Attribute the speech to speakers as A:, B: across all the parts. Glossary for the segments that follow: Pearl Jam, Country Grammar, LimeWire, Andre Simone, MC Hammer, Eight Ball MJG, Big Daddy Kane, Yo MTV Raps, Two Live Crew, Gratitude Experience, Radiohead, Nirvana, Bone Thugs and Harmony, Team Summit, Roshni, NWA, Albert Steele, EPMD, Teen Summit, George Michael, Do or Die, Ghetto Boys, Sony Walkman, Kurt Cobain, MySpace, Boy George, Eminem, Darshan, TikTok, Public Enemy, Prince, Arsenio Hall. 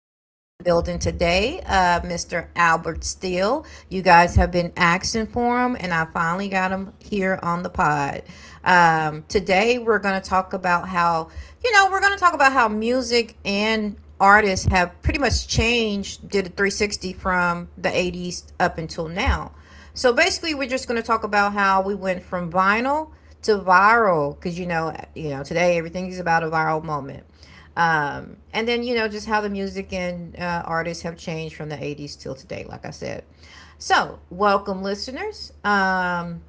A: guest in the building today, Mr. Albert Steele. You guys have been asking for him, and I finally got him here on the pod. Today, we're going to talk about how, you know, we're going to talk about how music and artists have pretty much changed, did a 360 from the 80s up until now. So basically, we're just going to talk about how we went from vinyl to viral because today everything is about a viral moment. And then just how the music and artists have changed from the '80s till today. Like I said, so welcome, listeners. Um,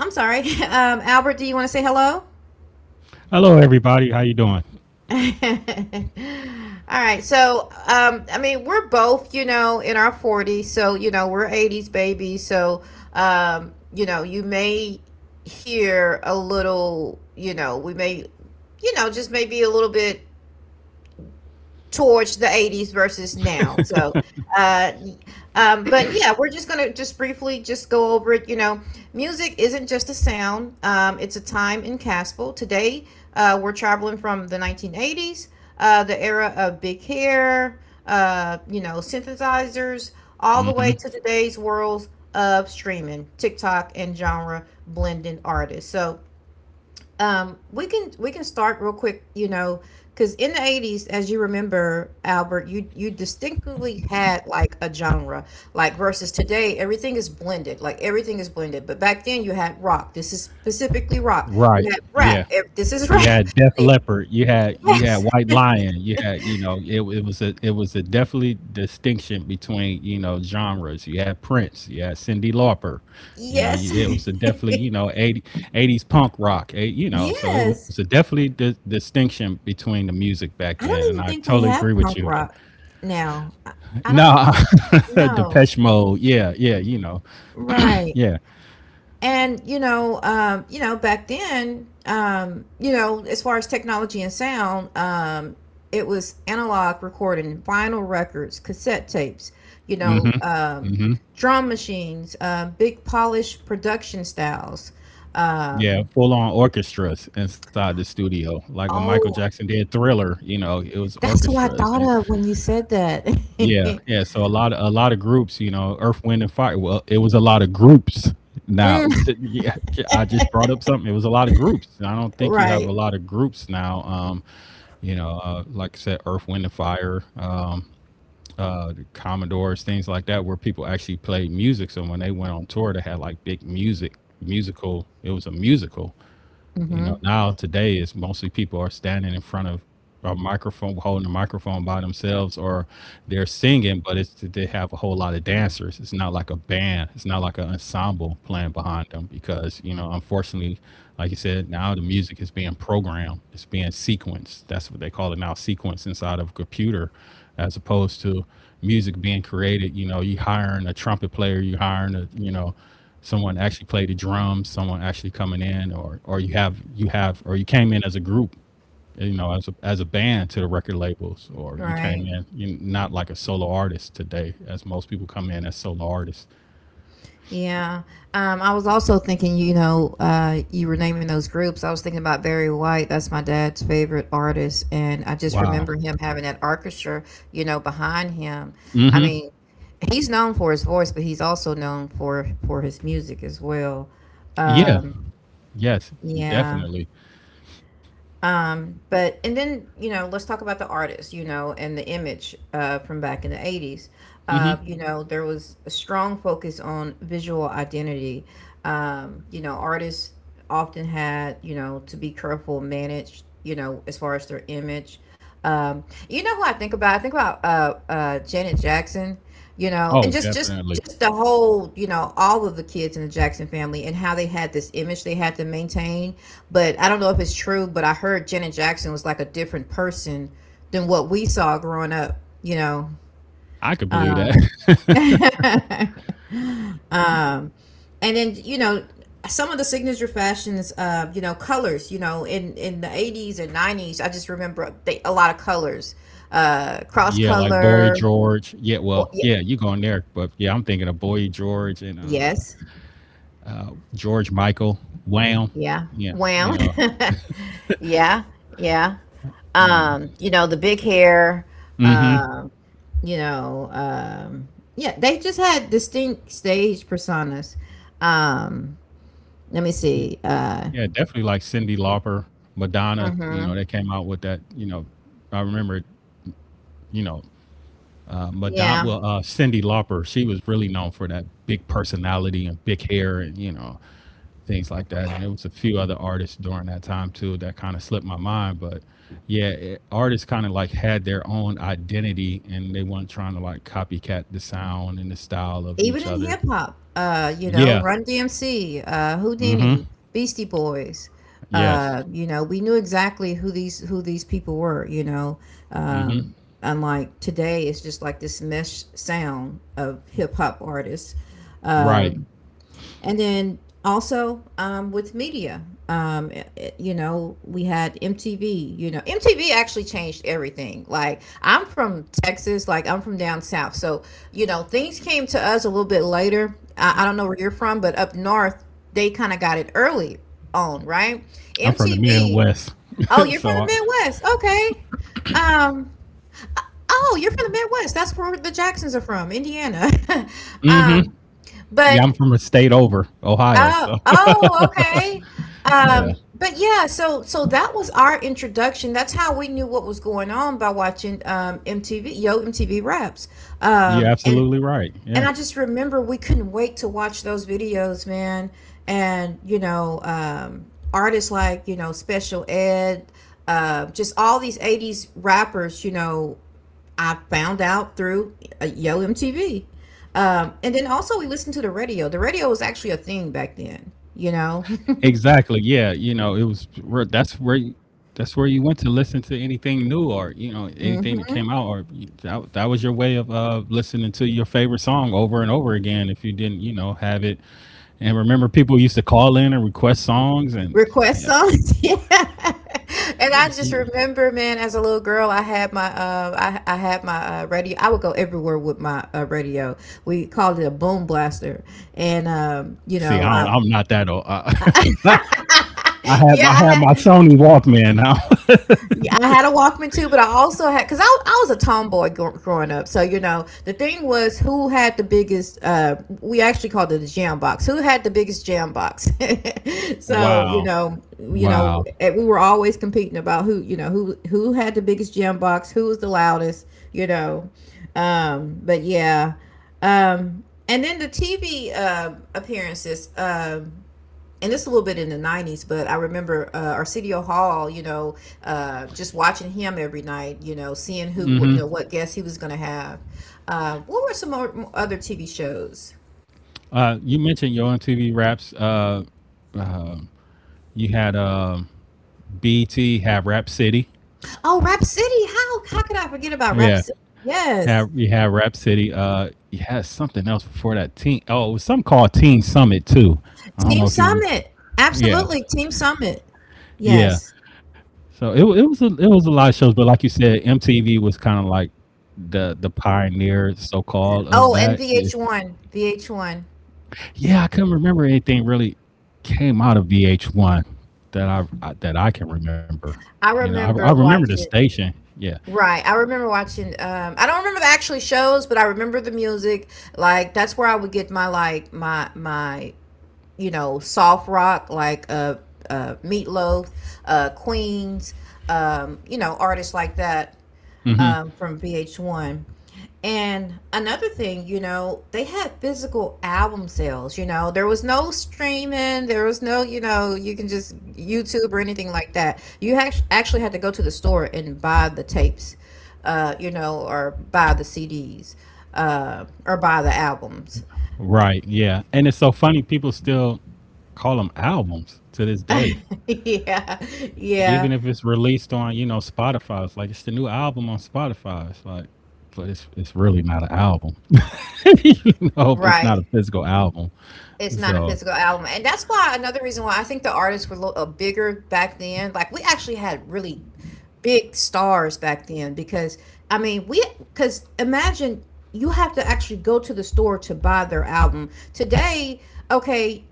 A: I'm sorry, Albert. Do you want to say hello?
B: Hello, everybody. How you doing?
A: All right. So, I mean, we're both, you know, in our 40s. So, you know, we're 80s babies. So, you know, you may hear a little, you know, we may, you know, just maybe a little bit towards the 80s versus now. So, uh, but yeah, we're just gonna just briefly just go over it. You know, music isn't just a sound; it's a time in Caspel. Today, we're traveling from the 1980s, the era of big hair, you know, synthesizers, all the way
B: hmm
A: to today's worlds of streaming, TikTok, and genre blending artists. So, we can start real quick, you know, because in the '80s, as you remember, Albert, you distinctly had like a genre, like versus today, everything is blended, like everything is blended. But back then, you had rock. This is specifically rock. You
B: Right.
A: had rap.
B: Yeah.
A: This is
B: You
A: rap.
B: had Def Leppard. You had
A: Yes,
B: White Lion. You had you know it was a definitely distinction between you know genres. You had Prince. You had Cindy Lauper.
A: yes,
B: It was a definitely you know 80 eighties punk rock. You know, so it was a
A: yes.
B: definitely distinction between the music back
A: I
B: then.
A: don't
B: And
A: even
B: I
A: think we
B: totally agree
A: have
B: with
A: punk
B: you. That
A: rock now. I, I don't
B: nah,
A: know.
B: Depeche Mode. Yeah. Yeah. You know.
A: Right.
B: Yeah.
A: And you know, you know, back then, you know, as far as technology and sound, it was analog recording, vinyl records, cassette tapes, you know,
B: hmm hmm
A: drum machines, big polished production styles.
B: Yeah,
A: um
B: full on orchestras inside the studio. Like when Michael Jackson
A: oh,
B: did Thriller, you know, it was
A: that's who I
B: orchestras and
A: thought of when you said that.
B: yeah, yeah. So a lot of groups, you know, Earth, Wind and Fire. Well, it was a lot of groups. Now,
A: Mm,
B: yeah, I just brought up something. It was a lot of groups. I don't think you have a
A: right.
B: lot of groups now. You know, like I said, Earth, Wind and Fire, the Commodores, things like that, where people actually played music. So when they went on tour, they had like big music musical. It was a musical, you know.
A: Hmm,
B: Now today is mostly people are standing in front of a microphone, holding a microphone by themselves, or they're singing, but it's they have a whole lot of dancers. It's not like a band. It's not like an ensemble playing behind them because you know, unfortunately, like you said, now the music is being programmed. It's being sequenced. That's what they call it now, sequence inside of a computer, as opposed to music being created. You know, you hiring a trumpet player, you hiring a you know someone actually played the drums, someone actually coming in, or you have or you came in as a group, you know, as a band to the record labels, or you came
A: right.
B: in you not like a solo artist today, as most people come in as solo artists.
A: Yeah. I was also thinking, you know, you were naming those groups. I was thinking about Barry White. That's my dad's favorite artist. And I just
B: Wow.
A: remember him having that orchestra, you know, behind him. I mean, he's known for his voice, but he's also known for his music as well.
B: Yeah.
A: Um,
B: Yes.
A: yeah.
B: Definitely.
A: But and then you know, let's talk about the artist, you know, and the image from back in the '80s.
B: hmm
A: You know, there was a strong focus on visual identity. You know, artists often had, you know, to be careful, manage, you know, as far as their image. You know who I think about? I think about Janet Jackson, you know,
B: Oh,
A: and just just
B: definitely.
A: just the whole, you know, all of the kids in the Jackson family and how they had this image they had to maintain. But I don't know if it's true, but I heard Janet Jackson was like a different person than what we saw growing up, you know.
B: I could believe that.
A: um, um, and then you know, some of the signature fashions, you know, colors, you know, in the 80s and 90s. I just remember they, a lot of colors, cross
B: Yeah, like Boy
A: color.
B: George.
A: Well, yeah,
B: Yeah, you going there, but yeah, I'm thinking of Boy George and
A: yes.
B: George Michael. Wham.
A: Yeah.
B: Yeah,
A: Wham.
B: you know.
A: yeah. Yeah.
B: Yeah.
A: You know, the big hair,
B: Mm-hmm.
A: um, you know, yeah, they just had distinct stage personas. Um, let me see.
B: Yeah, definitely like Cindy Lauper, Madonna, you know, they
A: Mhm.
B: came out with that, you know, I remember, you know, Madonna,
A: Yeah.
B: Cindy Lauper, she was really known for that big personality and big hair and, you know, things like that. And there was a few other artists during that time too that kind of slipped my mind. But yeah, it, artists kind of like had their own identity and they weren't trying to like copycat the sound and the style of
A: Even
B: each
A: in hip
B: other.
A: hop, you know,
B: Yeah.
A: Run DMC,
B: Mm-hmm.
A: Houdini, Beastie Boys,
B: Yes.
A: you know, we knew exactly who these people were, you know.
B: Mm-hmm.
A: Um, unlike today, it's just like this mesh sound of hip hop artists.
B: Right.
A: Um and then also, with media, you know, we had MTV. You know, MTV actually changed everything. Like I'm from Texas, like I'm from down south, so you know things came to us a little bit later. I don't know where you're from, but up north they kind of got it early on, right?
B: I'm from the
A: MTV.
B: Midwest.
A: Oh, you're from
B: so
A: the
B: I,
A: Midwest. Okay. Um, oh, you're from the Midwest. That's where the Jacksons are from, Indiana.
B: Mm-hmm.
A: um,
B: Yeah, I'm
A: but
B: from a state over, Ohio.
A: Oh,
B: So
A: oh, okay.
B: yeah,
A: But yeah, so that was our introduction. That's how we knew what was going on by watching MTV, Yo MTV Raps.
B: you're
A: And
B: absolutely right. Yeah,
A: I just remember we couldn't wait to watch those videos, man. And, you know, artists like, you know, Special Ed, just all these 80s rappers, you know, I found out through Yo MTV. And then also we listened to the radio. The radio was actually a thing back then, you know?
B: exactly. Yeah, you know, it that's where that's where you went to listen to anything new or you know anything that came
A: hmm.
B: out or that was your way of listening to your favorite song over and over again if you didn't you know have it. And remember, people used to call in and request songs and
A: Request
B: yeah.
A: songs. yeah. And I
B: Yeah.
A: just remember, man, as a little girl, I had my radio. I would go everywhere with my radio. We called it a boom blaster, and you
B: See,
A: know,
B: I'm not that old.
A: I
B: I had my
A: yeah,
B: Sony Walkman.
A: yeah, I had a Walkman too, but I also had because I was a tomboy growing up. So you know, the thing was who had the biggest. We actually called it a jam box. Who had the biggest jam box? so
B: Wow!
A: you know,
B: Wow.
A: we were always competing about who, you know, who had the biggest jam box, who was the loudest. You know, but yeah, um, and then the TV appearances. And it's a little bit in the 90s, but I remember Arsenio Hall, you know, just watching him every night, you know, seeing
B: Hmm.
A: you know, what guests he was going to have, what were some more, other TV shows.
B: You mentioned your MTV raps. You had BT have Rap City.
A: Oh, Rap City. How could I forget about Rap
B: Yeah,
A: City? Yes.
B: have you had Rap City? You had something else before that. Teen. Oh, it was something called Teen Summit too. I don't
A: team
B: know if you. Rem-
A: summit.
B: Yeah,
A: Absolutely, team summit.
B: yeah.
A: Yes.
B: So it was it was a lot of shows, but like you said, MTV was kind of like the pioneer, so called, of
A: Oh, and
B: that. Yeah,
A: VH1.
B: yeah, I couldn't remember anything really came out of VH1 that I can remember.
A: I
B: You know, I
A: remember
B: remember the
A: watching.
B: station. Yeah.
A: Right. I remember watching I don't remember the actual shows, but I remember the music. Like that's where I would get my like my you know, soft rock like Meatloaf, Queens, you know, artists like that,
B: hmm
A: from VH1. And another thing, you know, they had physical album sales. You know, there was no streaming, there was no, you know, you can just YouTube or anything like that. You actually had to go to the store and buy the tapes, you know, or buy the CDs, or buy the albums.
B: Right. Yeah. And it's so funny. People still call them albums to this day,
A: yeah,
B: even if
A: yeah,
B: it's released on you know Spotify. It's like it's the new album on Spotify. It's like, but it's really not an album. You know, it's not
A: right.
B: a physical album.
A: It's not a
B: So
A: physical album, and that's why another reason why I think the artists were a little bigger back then. Like we actually had really big stars back then because I mean we because imagine you have to actually go to the store to buy their album today. Okay,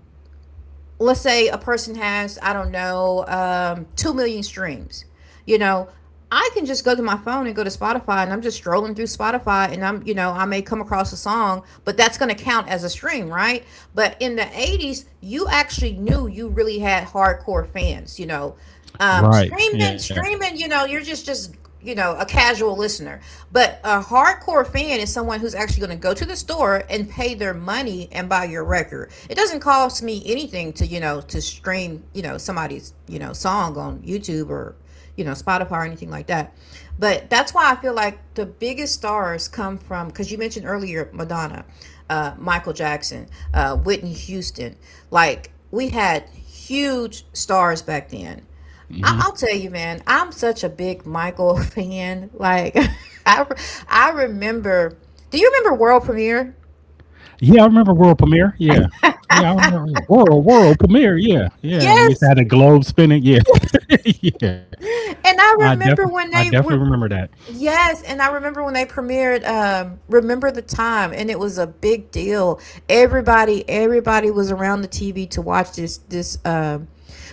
A: let's say a person has, I don't know, 2 million streams, you know. I can just go to my phone and go to Spotify, and I'm just strolling through Spotify and I'm, you know, I may come across a song, but that's going to count as a stream, right? But in the 80s, you actually knew you really had hardcore fans, you know. um,
B: right.
A: streaming
B: Yeah.
A: streaming you know, you're just you know, a casual listener. But a hardcore fan is someone who's actually going to go to the store and pay their money and buy your record. It doesn't cost me anything to, you know, to stream, you know, somebody's, you know, song on YouTube or, you know, Spotify or anything like that. But that's why I feel like the biggest stars come from, because you mentioned earlier, Madonna, Michael Jackson, Whitney Houston. Like we had huge stars back then. I'll tell you, man, I'm such a big Michael fan. Like, I, re- I remember, do you remember World Premiere?
B: Yeah. I remember world premiere. Yeah. Yeah, I remember world premiere. Yeah, yeah. And they used to
A: Yes.
B: have the globe spinning. Yeah, yeah.
A: And I remember
B: I
A: when they
B: definitely
A: were
B: remember that.
A: Yes, and I remember when they premiered Remember the Time, and it was a big deal. Everybody was around the TV to watch this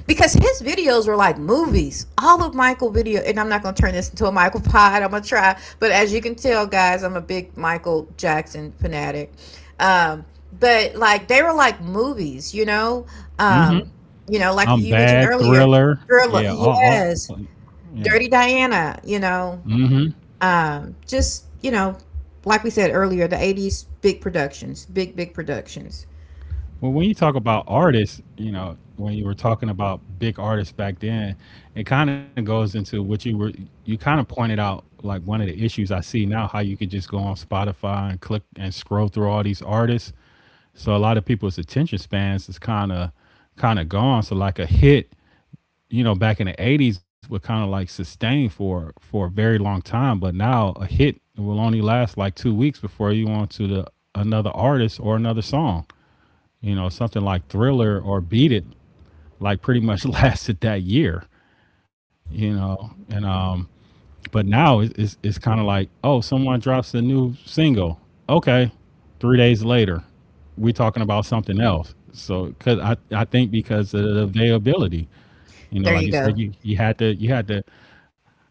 A: because his videos were like movies. All of Michael video, and I'm not going to turn this into a Michael pod. I'm going to try, but as you can tell guys, I'm a big Michael Jackson fanatic. Um but like they were like movies, you know? Um you know, like
B: I'm
A: you mentioned
B: bad.
A: earlier,
B: Thriller.
A: Thriller.
B: Yeah. All
A: Yes.
B: yes.
A: Dirty Diana, you know.
B: hmm
A: Just, you know, like we said earlier, the 80s, big productions, big, big productions.
B: Well, when you talk about artists, you know, when you were talking about big artists back then, it kind of goes into what you were. You kind of pointed out like one of the issues I see now, how you could just go on Spotify and click and scroll through all these artists. So a lot of people's attention spans is kind of gone. So like a hit you know back in the 80s were kind of like sustained for a very long time but now a hit will only last like 2 weeks before you on to the another artist or another song you know something like thriller or beat it like pretty much lasted that year you know and but now it's kind of like oh someone drops a new single okay 3 days later we are talking about something else so because I think because of the availability you
A: There
B: know
A: you
B: like you
A: go.
B: said you had to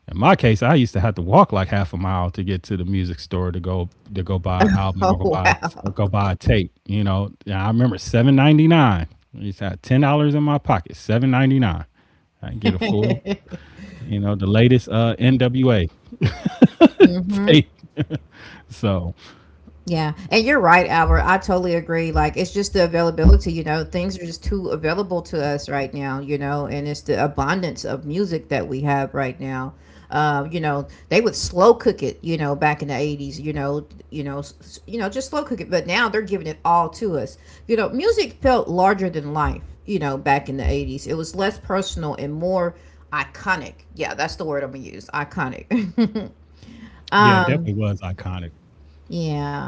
B: in my case, I used to have to walk like half a mile to get to the music store to go buy an
A: Oh,
B: album or
A: wow.
B: go buy a tape. You know, and I remember 7.99. I used to have $10 in my pocket, 7.99. I can get a full, you know, the latest NWA
A: Mm hmm.
B: tape. So
A: Yeah, and you're right, Albert. I totally agree. Like, it's just the availability, you know, things are just too available to us right now, you know, and it's the abundance of music that we have right now. They would slow cook it, back in the 80s, just slow cook it, but now they're giving it all to us. Music felt larger than life, back in the 80s. It was less personal and more iconic. Yeah, that's the word I'm gonna use, iconic.
B: yeah, it
A: um,
B: definitely was iconic.
A: yeah.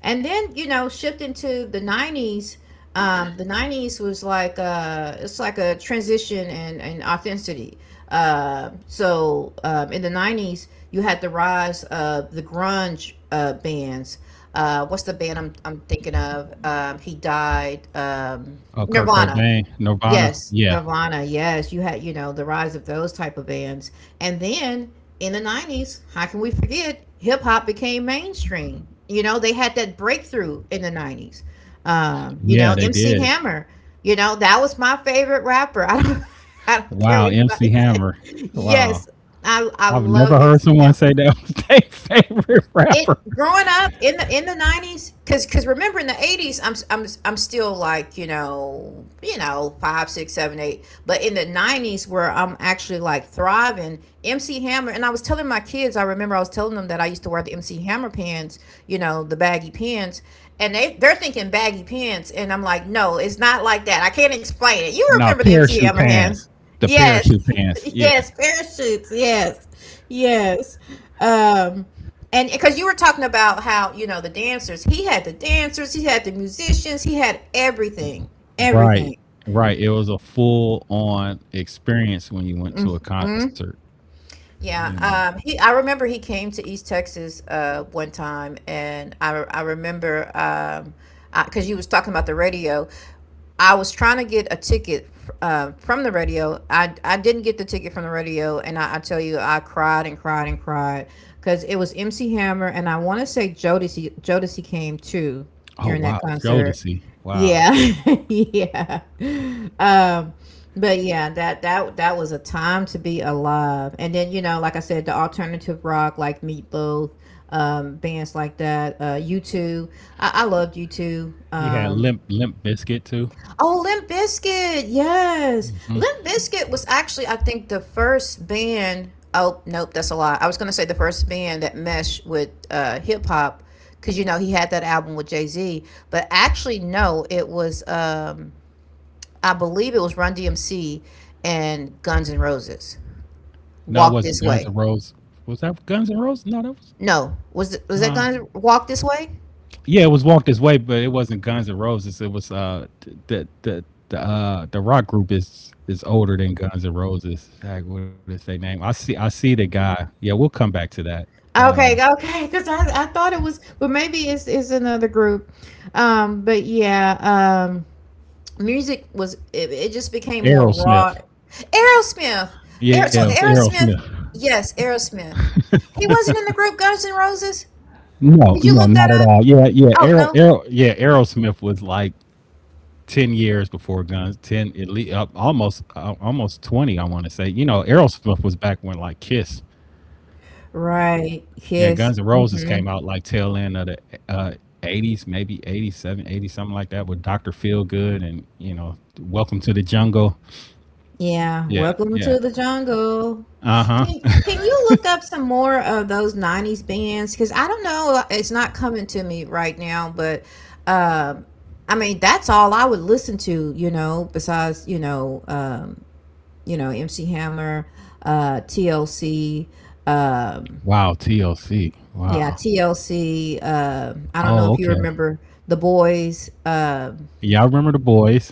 A: And then, shifting to the 90s, the 90s was like it's like a transition and authenticity. So in the 90s, you had the rise of the grunge bands. What's the band I'm thinking of? He died.
B: Oh, Kurt
A: Nirvana.
B: Cobain, Nirvana.
A: Yes,
B: Yeah,
A: Nirvana, yes, you had, the rise of those type of bands. And then in the 90s, how can we forget hip hop became mainstream. They had that breakthrough in the 90s.
B: yeah, they
A: MC
B: did.
A: Hammer, that was my favorite rapper. I don't care
B: Wow,
A: what
B: MC
A: anybody say.
B: Hammer. Wow,
A: Yes, I
B: I've never
A: love
B: heard
A: MC
B: someone
A: Hammer
B: say that was their favorite
A: it
B: rapper.
A: growing up in the 90s because remember in the 80s I'm still like 5, 6, 7, 8, but in the 90s where I'm actually like thriving MC Hammer. And I was telling my kids, I remember I was telling them that I used to wear the MC Hammer pants, you know, the baggy pants. And they're thinking baggy pants, and I'm like, no, it's not like that. I can't explain it. You
B: No,
A: remember the MC
B: parachute
A: Hammer hands?
B: pants. The
A: Yes,
B: parachute pants. Yeah.
A: yes, parachutes, yes, yes. um and because you were talking about how, you know, the dancers, he had the dancers, he had the musicians, he had everything.
B: Right.
A: Everything.
B: Right. It was a full on experience when you went to a concert,
A: Mhm.
B: you know.
A: Yeah, he. I remember he came to East Texas one time, and I remember, because you was talking about the radio. I was trying to get a ticket from the radio. I didn't get the ticket from the radio, and I tell you, I cried and cried and cried because it was MC Hammer, and I want to say Jodeci came too
B: Oh
A: during that
B: wow, Joe to
A: concert.
B: see. Wow.
A: Yeah, yeah. Um, but yeah, that was a time to be alive. And then, like I said, the alternative rock, like Meatloaf, bands like that, U two. I loved U two.
B: He had Limp Biscuit too.
A: Oh, Limp Bizkit, yes. Limp Bizkit was actually, I think, the first band. Oh, nope, that's a lie. I was gonna say the first band that meshed with hip hop, because you know he had that album with Jay Z. But actually, no, it was, I believe it was Run DMC and Guns N' Roses.
B: No, it
A: Walk
B: wasn't
A: This
B: Guns N'
A: Way.
B: Roses. Was that Guns N' Roses? No, that was
A: No, was it, was that
B: uh
A: Guns Walk This Way?
B: yeah, it was Walk This Way, but it wasn't Guns N' Roses. It was the rock group is older than Guns N' Roses. Heck, what is their name? I see the guy. Yeah, we'll come back to that. Uh,
A: Okay, okay, because I thought it was, but maybe it's another group. But yeah, music was, it just became more raw.
B: Aerosmith.
A: Aerosmith.
B: Yeah, it was
A: Aerosmith,
B: Aerosmith.
A: yes, Aerosmith. He wasn't in the group Guns N' Roses?
B: No,
A: Did you
B: no,
A: look that
B: not at
A: up?
B: all. Yeah, yeah,
A: Oh, no?
B: Yeah, Aerosmith was like 10 years before Guns. Ten, at least, almost, almost 20. I want to say. You know, Aerosmith was back when like Kiss.
A: Right.
B: Yeah, Guns
A: Yes.
B: N' Roses came
A: Mhm.
B: out like tail end of the uh, 80s, maybe 87, 80, something like that, with Dr. Feelgood and, you know, Welcome to the Jungle.
A: Yeah.
B: Yeah,
A: Welcome
B: yeah.
A: to the jungle.
B: Uh
A: Can
B: huh.
A: can you look up some more of those 90s bands? Because I don't know, it's not coming to me right now, but, um, I mean, that's all I would listen to, you know, besides, MC Hammer, TLC. Um,
B: Wow, TLC.
A: yeah,
B: Wow.
A: TLC. I don't know
B: Oh,
A: if you
B: okay.
A: remember the boys.
B: Yeah, I remember the boys.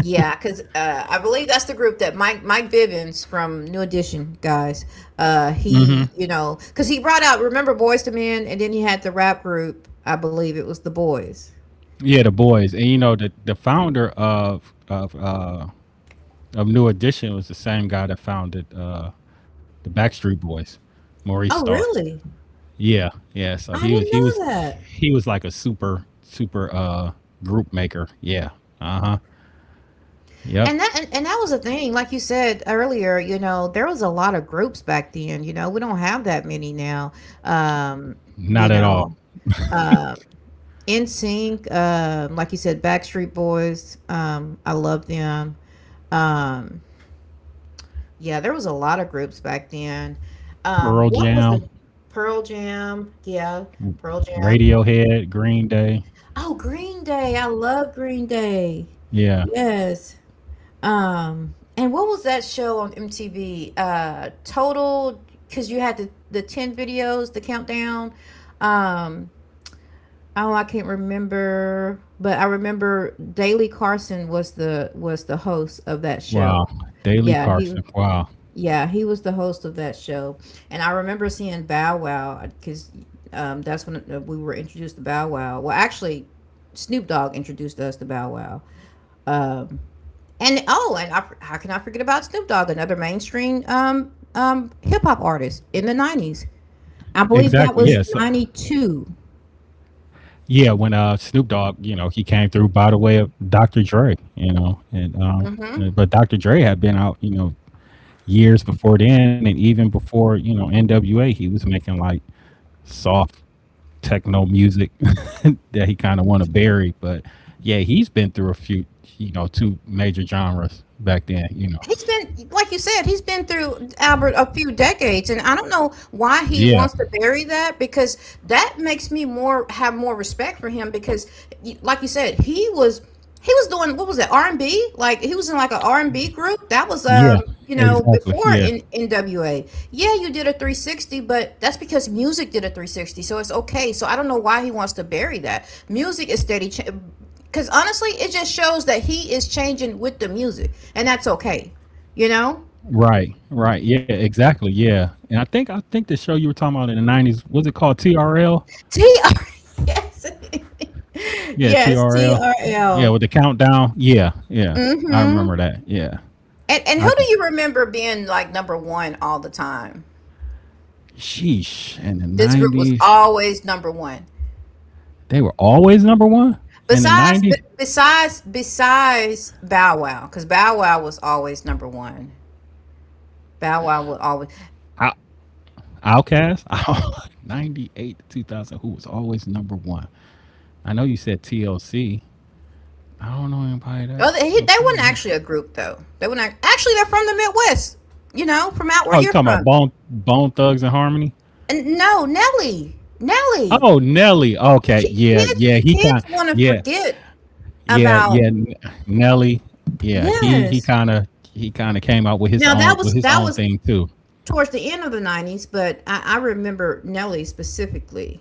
A: Yeah, because I believe that's the group that Mike Bivens from New Edition guys. He, you know, because he brought out, remember, Boys to Men, and then he had the rap group. I believe it was the boys.
B: Yeah, the boys, and you know the founder of New Edition was the same guy that founded the Backstreet Boys, Maurice
A: Oh
B: Starr.
A: really?
B: Yeah, yeah. So he
A: I
B: was
A: didn't
B: he was
A: know that.
B: he was like a super group maker. Yeah. Uh huh. Yep.
A: And that, and that was the thing, like you said earlier, you know, there was a lot of groups back then, you know. We don't have that many now. Um,
B: Not
A: you
B: at all.
A: know, uh NSYNC, like you said, Backstreet Boys, I love them. Um, yeah, there was a lot of groups back then.
B: Pearl
A: What
B: Jam,
A: was the Pearl Jam? Yeah, Pearl Jam.
B: Radiohead, Green Day.
A: Oh, Green Day. I love Green Day.
B: Yeah.
A: Yes. And what was that show on MTV? Total, because you had the ten videos, the countdown. Um, oh, I can't remember, but I remember Daley Carson was the host of that show.
B: Wow. Daily
A: Yeah, he,
B: Carson. Wow.
A: yeah, he was the host of that show, and I remember seeing Bow Wow because that's when we were introduced to Bow Wow. Well, actually, Snoop Dogg introduced us to Bow Wow. Um, and oh, and I, how can I forget about Snoop Dogg, another mainstream hip hop artist in the '90s? I
B: Exactly.
A: believe
B: Yeah.
A: that
B: So
A: was '92.
B: yeah, when Snoop Dogg, you know, he came through by the way of Dr. Dre, you know, and
A: hmm
B: but Dr. Dre had been out, you know, years before then, and even before you know NWA, he was making like soft techno music that he kind of want to bury. But yeah, he's been through a few, you know, two major genres back then, you know.
A: He's been, like you said, he's been through Albert a few decades, and I don't know why he
B: Yeah,
A: wants to bury that because that makes me more have more respect for him because, like you said, he was doing, what was it? R&B? Like he was in like a R&B group. That was
B: yeah, exactly,
A: before
B: yeah.
A: in NWA. Yeah, you did a 360, but that's because music did a 360. So it's okay. So I don't know why he wants to bury that. Music is steady cha- cuz honestly, it just shows that he is changing with the music, and that's okay. You know?
B: Right, right, yeah, exactly, yeah, and I think the show you were talking about in the '90s was it called TRL?
A: TR Yes.
B: Yeah,
A: yes,
B: TRL. Yeah,
A: TRL.
B: with the countdown. Yeah, yeah.
A: Mm.
B: I
A: Mhm.
B: remember that. Yeah.
A: And
B: I
A: who do
B: think.
A: you remember being like number 1 all the time?
B: Sheesh. In the
A: This group was
B: nineties,
A: always number one.
B: they were always number one. In the
A: Besides,
B: nineties,
A: besides Bow Wow, because Bow Wow was always number one. Bow Wow would
B: Out-
A: always.
B: Outcast, 98 to 2000. Who was always number one? I know you said TLC. I don't know anybody that
A: Oh, they,
B: would be.
A: they
B: number-
A: weren't actually a group though. They weren't actually. They're from the Midwest. You know, from out where
B: Oh, you
A: you're
B: talking about
A: from.
B: Bone Thugs and Harmony?
A: And no, Nelly, Nelly.
B: Oh, Nelly. Okay,
A: Ki-
B: yeah,
A: Kids,
B: yeah. He kind.
A: kids want to
B: Yeah,
A: forget
B: yeah,
A: about.
B: yeah, Nelly. Yeah, he he
A: Yes.
B: kind of he kind of came out with his
A: Now that
B: own
A: was that was
B: thing too.
A: towards the end of the '90s, but I remember Nelly specifically.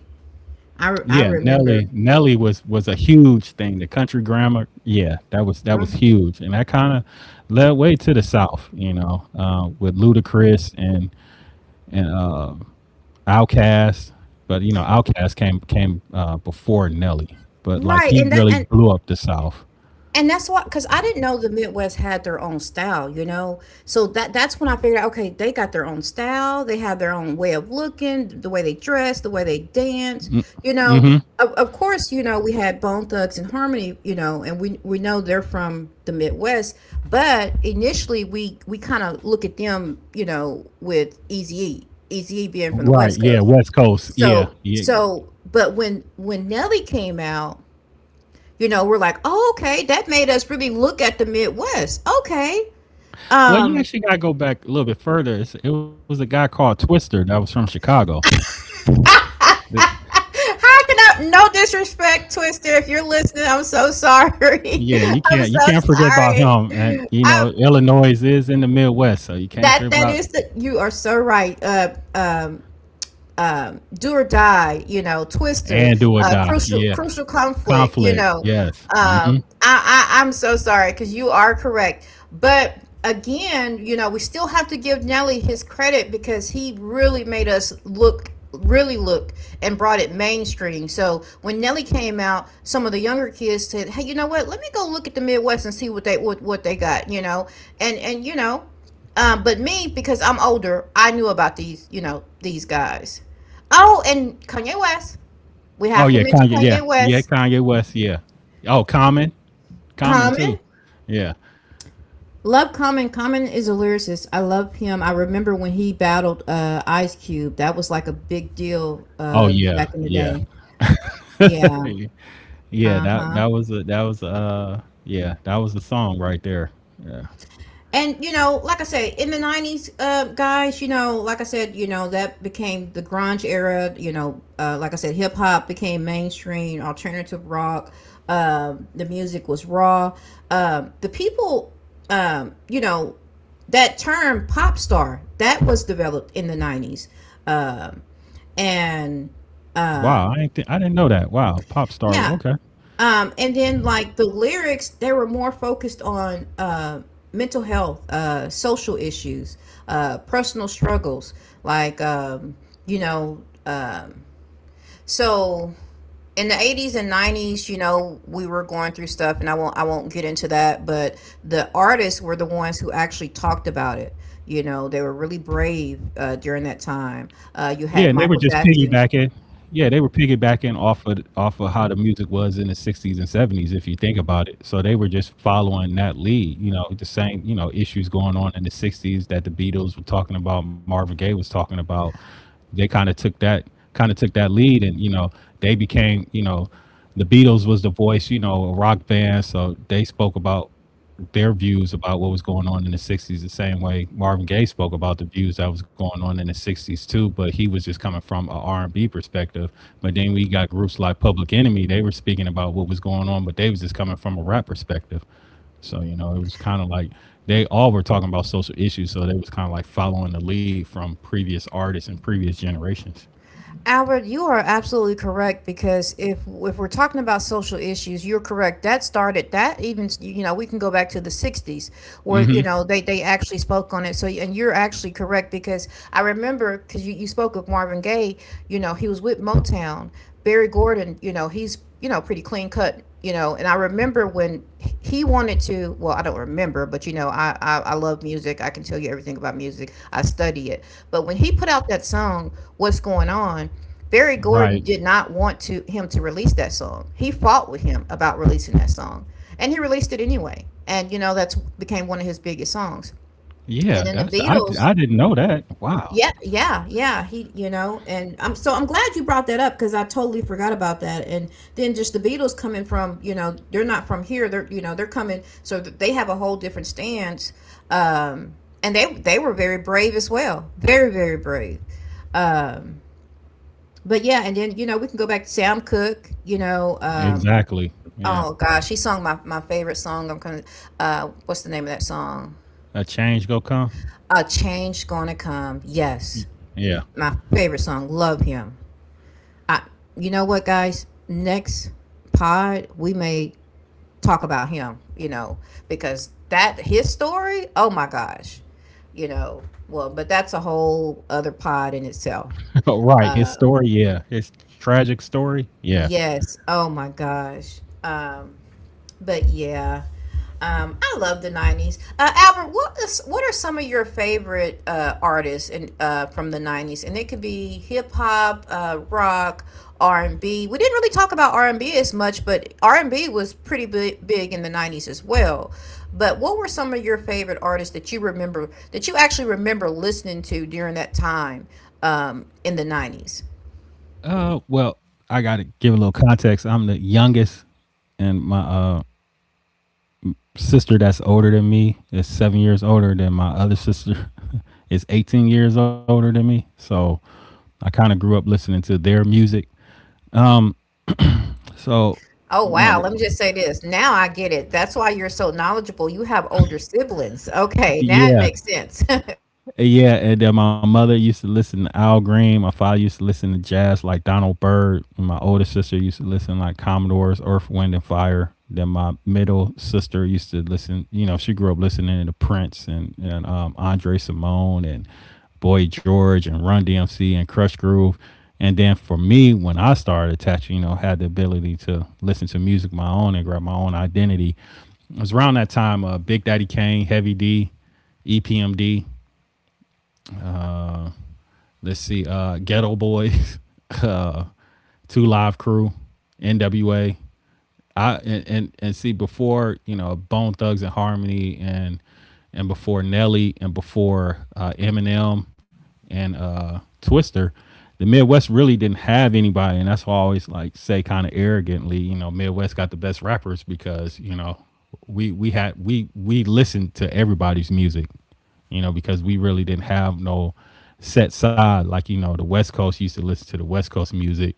A: I
B: Yeah,
A: remember.
B: Nelly was a huge thing. The country grammar, yeah, that was
A: Mm-hmm.
B: huge, and that kind of led way to the South, you know, with Ludacris and and uh, Outkast. But you know, Outkast came before Nelly, but like
A: Right,
B: he
A: and that
B: really
A: and
B: blew up the South.
A: and that's why, because I didn't know the Midwest had their own style, you know. So that's when I figured out, okay, they got their own style, they have their own way of looking, the way they dress, the way they dance, you know. Of course, you know, we had Bone Thugs and Harmony, you know, and we know they're from the Midwest, but initially we kind of look at them, you know, with Eazy-E being from the
B: Right?
A: West
B: Yeah,
A: Coast.
B: West Coast. Yeah,
A: So
B: yeah.
A: so but when Nelly came out, you know, we're like, oh, okay, that made us really look at the Midwest. Okay.
B: Well, you
A: Um
B: actually got to go back a little bit further. It was a guy called Twister that was from Chicago. Th-
A: How can I, no disrespect, Twister, if you're listening, I'm so sorry.
B: Yeah, you
A: I'm
B: can't you
A: so
B: can't forget about him. And
A: sorry.
B: you
A: I,
B: know, Illinois is in the Midwest, so you can't
A: that
B: forget
A: that
B: about
A: is the you are so right. Do or die, you know, Twister,
B: and do or die.
A: crucial
B: Yeah,
A: crucial conflict, you
B: conflict.
A: know.
B: Yes. Hmm.
A: Um, I'm so sorry because you are correct, but again, you know, we still have to give Nelly his credit because he really made us look, really look, and brought it mainstream. So when Nelly came out, some of the younger kids said, "Hey, you know what? Let me go look at the Midwest and see what they got," you know. And you know, but me because I'm older, I knew about these, you know, these guys. Oh, and Kanye West. We
B: Oh
A: have to
B: yeah,
A: mention
B: Kanye. Yeah,
A: Kanye
B: yeah,
A: West.
B: Kanye West. Yeah. Oh, Common, Common too.
A: Common.
B: Yeah.
A: Love Common. Common is a lyricist. I love him. I remember when he battled Ice Cube. That was like a big deal
B: Oh yeah,
A: back in the
B: yeah,
A: day. Yeah.
B: yeah.
A: Uh
B: That
A: huh.
B: that was a song right there. Yeah.
A: And you know, like I say, in the 90s, guys, you know, like I said, you know, that became the grunge era, you know, like I said, hip-hop became mainstream, alternative rock, the music was raw, the people, um, you know that term pop star that was developed in the 90s, um, and
B: Wow,
A: um,
B: I didn't know that. Wow, pop star.
A: yeah,
B: Okay.
A: and then, like, the lyrics, they were more focused on mental health, social issues, personal struggles. Like you know, um, so in the 80s and 90s, you know, we were going through stuff, and I won't get into that. But the artists were the ones who actually talked about it. You know, they were really brave during that time.
B: Yeah,
A: You
B: and they
A: had
B: were just
A: Michael Jackson.
B: piggybacking. Yeah, they were piggybacking off of how the music was in the '60s and '70s, if you think about it. So they were just following that lead. You know, the same you know issues going on in the '60s that the Beatles were talking about, Marvin Gaye was talking about. They kind of took that lead, and you know, they became you know, the Beatles was the voice, you know, a rock band. So they spoke about their views about what was going on in the '60s the same way Marvin Gaye spoke about the views that was going on in the '60s too, but he was just coming from a R&B perspective. But then we got groups like Public Enemy. They were speaking about what was going on, but they was just coming from a rap perspective. So you know, it was kind of like they all were talking about social issues, so they was kind of like following the lead from previous artists and previous generations.
A: Albert, you are absolutely correct because if we're talking about social issues, you're correct. That started that even, you know, we can go back to the '60s where you know they actually spoke on it. So and you're actually correct because I remember because you spoke of Marvin Gaye. You know he was with Motown. Barry Gordon. He's pretty clean cut. You know and I remember when he wanted to, well, I don't remember, but I love music. I can tell you everything about music. I study it, but when he put out that song, "What's Going On," Barry
B: Right,
A: Gordon did not want to him to release that song. He fought with him about releasing that song, and he released it anyway, and that's became one of his biggest songs. And
B: yeah,
A: then the
B: that's I,
A: Beatles.
B: I didn't know that. Wow.
A: Yeah, yeah, yeah. And I'm so I'm glad you brought that up because I totally forgot about that. And then just the Beatles coming from, you know, they're not from here. They're, you know, they're coming, so they have a whole different stance. Um, and they were very brave as well, very brave. Um, but yeah, and then you know we can go back to Sam Cooke.
B: Exactly, yeah.
A: Oh gosh, he sung my favorite song. What's the name of that song?
B: A change go come.
A: A change gonna come. Yes,
B: Yeah.
A: my favorite song. Love him. I, you know what, guys? Next pod, we may talk about him, you know, because that his story, oh my gosh, you know, well, but that's a whole other pod in itself.
B: Oh, right. His
A: Uh,
B: story, yeah. His tragic story, yeah.
A: yes, oh my gosh. But yeah, I love the '90s. Albert, what are some of your favorite artists from the '90s? And it could be hip hop, rock, R and B. We didn't really talk about R and B as much, but R and B was pretty big in the '90s as well. But what were some of your favorite artists that you remember that you actually remember listening to during that time in the '90s?
B: Well, I gotta give a little context. I'm the youngest, and my sister that's older than me is 7 years older than my other sister is 18 years older than me. So I kind of grew up listening to their music. So,
A: Oh, wow. Let me just say this. Now I get it. That's why you're so knowledgeable. You have older siblings. Okay, now it
B: yeah.
A: makes sense.
B: Yeah, and then my mother used to listen to Al Green. My father used to listen to jazz like Donald Byrd. And my older sister used to listen like Commodores, Earth, Wind, and Fire. Then my middle sister used to listen. You know, she grew up listening to Prince and Andre Simone and Boy George and Run DMC and Crush Groove. And then for me, when I started attaching, you know, had the ability to listen to music my own and grab my own identity. It was around that time, Big Daddy Kane, Heavy D, EPMD. Let's see, Ghetto Boys, uh, Two Live Crew, NWA, I and see before you know Bone Thugs and Harmony and before Nelly and before Eminem and Twister, the Midwest really didn't have anybody, and that's why I always like say kind of arrogantly, you know, Midwest got the best rappers because you know we had we listened to everybody's music, you know, because we really didn't have no set side like you know the West Coast used to listen to the West Coast music.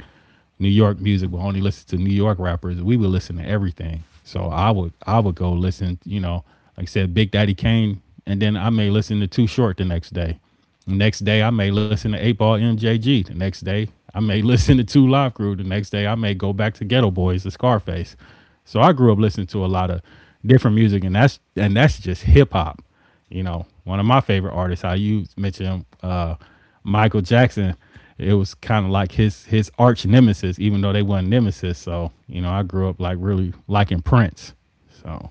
B: New York music would only listen to New York rappers. We would listen to everything. So I would go listen, you know, like I said, Big Daddy Kane, and then I may listen to Too Short the next day. The next day I may listen to Eight Ball MJG. The next day I may listen to Two Live Crew. The next day I may go back to Ghetto Boys, the Scarface. So I grew up listening to a lot of different music, and that's just hip hop. You know, one of my favorite artists. How you mentioned Michael Jackson, it was kind of like his arch nemesis, even though they weren't nemesis. So you know, I grew up like really liking Prince. So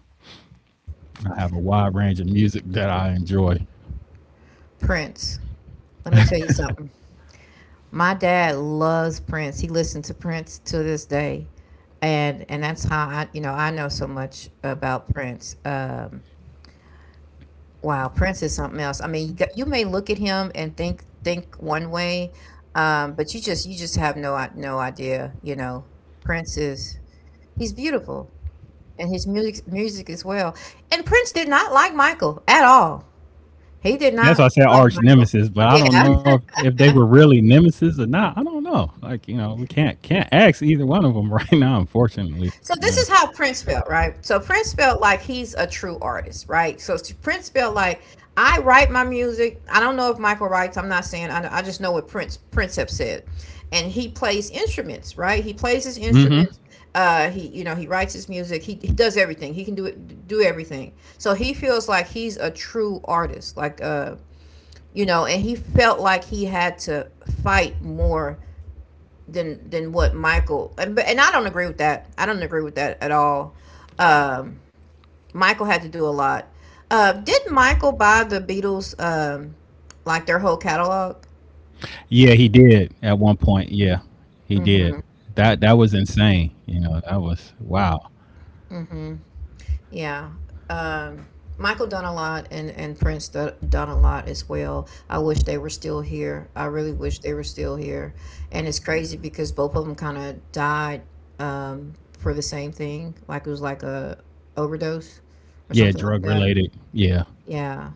B: I have a wide range of music that I enjoy.
A: Prince. Let me tell you something. My dad loves Prince. He listened to Prince to this day. And that's how you know, I know so much about Prince. Wow, Prince is something else. I mean, you may look at him and think one way, but you just have no idea, you know. Prince is, he's beautiful, and his music as well. And Prince did not like Michael at all. He did
B: That's
A: not
B: why I said
A: like
B: arch
A: Michael.
B: nemesis, but I don't
A: Yeah.
B: know if they were really nemesis or not. I don't know. Like you know, we can't ask either one of them right now, unfortunately.
A: So this
B: Yeah.
A: is how Prince felt, right? So Prince felt like he's a true artist, right? So Prince felt like, I write my music. I don't know if Michael writes. I'm not saying. I just know what Prince have said, and he plays instruments, right? He plays his
B: Mm-hmm.
A: instruments. He you know he writes his music. He does everything. He can do everything. So he feels like he's a true artist, like you know, and he felt like he had to fight more than what Michael, and I don't agree with that. I don't agree with that at all. Um, Michael had to do a lot. Did Michael buy the Beatles like their whole catalog?
B: Yeah, he did at one point. Yeah, he did.
A: Mm-hmm.
B: That was insane. You know, that was wow.
A: Mm-hmm. Yeah. Um, Michael done a lot, and Prince done a lot as well. I wish they were still here. I really wish they were still here. And it's crazy because both of them kind of died for the same thing. Like it was like a overdose or
B: Yeah,
A: something
B: drug
A: like that.
B: related. Yeah,
A: Yeah.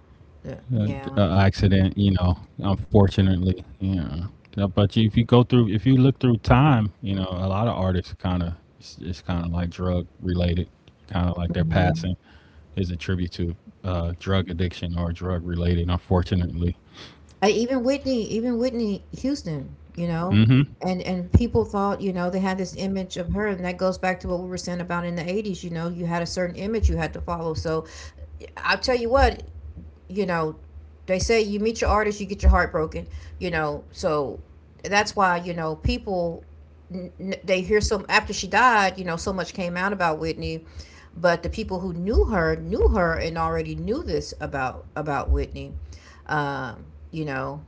A: Yeah.
B: uh,
A: Yeah.
B: accident. You know, unfortunately. Yeah. Know, but you, if you go through, if you look through time, you know, a lot of artists kind of it's kind of like drug related, kind of like their
A: Mhm.
B: passing is a tribute to drug addiction or drug related. Unfortunately.
A: Even Whitney, even Whitney Houston, you know,
B: Hmm.
A: and people thought, you know, they had this image of her, and that goes back to what we were saying about in the '80s. You know, you had a certain image you had to follow. So I'll tell you what, you know, they say you meet your artist, you get your heart broken. You know, so that's why you know people they hear some. After she died, you know, so much came out about Whitney, but the people who knew her and already knew this about Whitney. um you know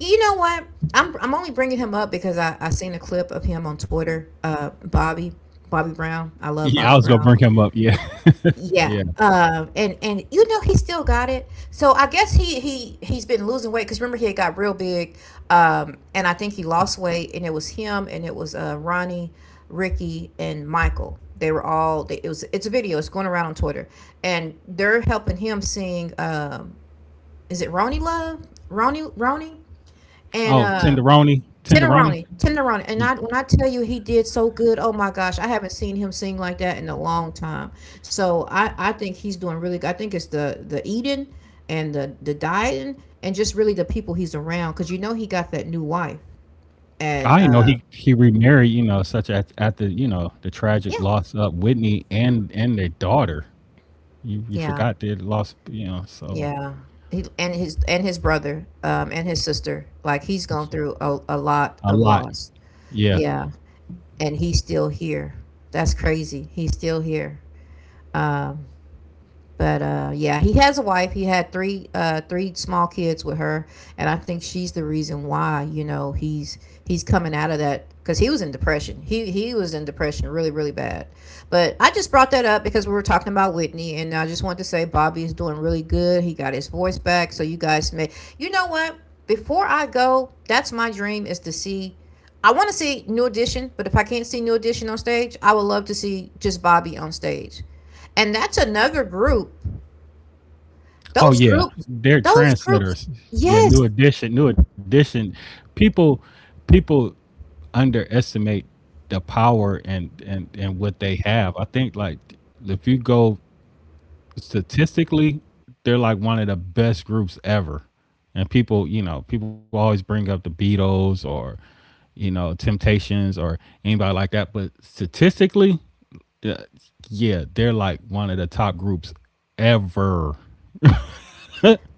A: you know what? I'm only bringing him up because I seen a clip of him on Twitter. Bobby Brown. I love Bobby
B: Yeah, I was
A: Brown.
B: gonna bring him up. Yeah,
A: Yeah.
B: yeah.
A: And you know he still got it. So I guess he's been losing weight because remember he had got real big. And I think he lost weight, and it was him, and it was Ronnie, Ricky, and Michael. They were all. They, It was, it's a video. It's going around on Twitter, and they're helping him sing. Is it Ronnie Love? Ronnie Ronnie and
B: Oh, Tenderoni, Tenderoni.
A: Tenderoni, Tenderoni, and I when I tell you he did so good, oh my gosh, I haven't seen him sing like that in a long time. So I think he's doing really good. I think it's the eating and the dieting and just really the people he's around because you know he got that new wife and
B: I know he remarried, you know, such at the you know the
A: yeah,
B: tragic loss of Whitney and their daughter. You
A: yeah,
B: forgot they lost, you know, so
A: yeah, he and his, and his brother, and his sister, like he's gone through a lot
B: a
A: of
B: lot.
A: loss.
B: Yeah.
A: Yeah, and he's still here. That's crazy, he's still here. Um, but Yeah, he has a wife. He had three small kids with her, and I think she's the reason why you know he's coming out of that because he was in depression. He was in depression really bad, but I just brought that up because we were talking about Whitney, and I just want to say Bobby is doing really good. He got his voice back, so you guys may. You know what? Before I go, that's my dream is to see. I want to see New Edition, but if I can't see New Edition on stage, I would love to see just Bobby on stage, and that's another group.
B: Oh
A: Those
B: yeah,
A: groups,
B: they're
A: those groups,
B: trendsetters. Yeah, new
A: yes.
B: edition, new edition. People people underestimate the power and what they have. I think like if you go statistically, they're like one of the best groups ever. And people, you know, people always bring up the Beatles or, you know, Temptations or anybody like that. But statistically, uh, yeah, they're like one of the top groups ever,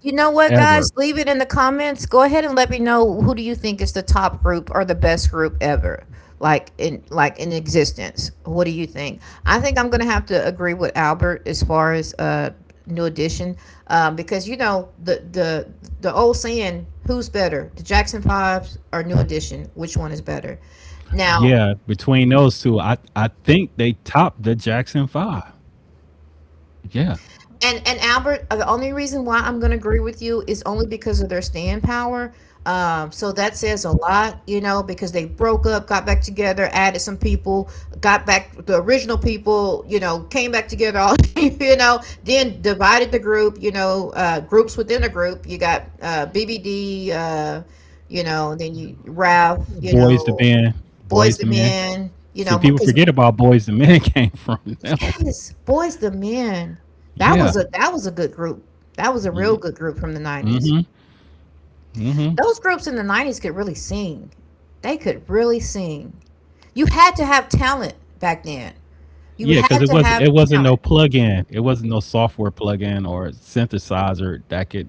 A: You know what,
B: ever.
A: guys? Leave it in the comments. Go ahead and let me know who do you think is the top group or the best group ever, like in existence. What do you think? I think I'm gonna have to agree with Albert as far as New Edition, because you know the old saying, who's better, the Jackson Fives or New Edition? Which one is better? Now.
B: Yeah, between those two, I think they top the Jackson 5. Yeah,
A: And Albert, the only reason why I'm going to agree with you is only because of their staying power. So that says a lot, you know, because they broke up, got back together, added some people, got back the original people, you know, came back together, all you know, then divided the group, you know, groups within a group. You got BBD, you know, then you Ralph, you
B: Boys to
A: know,
B: Men, Boys
A: Boys
B: to
A: the
B: Men.
A: Men, you
B: See,
A: know,
B: people
A: because
B: forget about Boys to Men came from them.
A: yes, Boys the Men. That
B: Yeah,
A: was a good group. That was a real
B: yeah.
A: good group from the '90s. Those groups in the '90s could really sing. They could really sing. You had to have talent back then. You
B: Yeah, because
A: had
B: it
A: to
B: was
A: have
B: it wasn't no
A: talent.
B: plug-in. It wasn't no software plug-in or synthesizer that could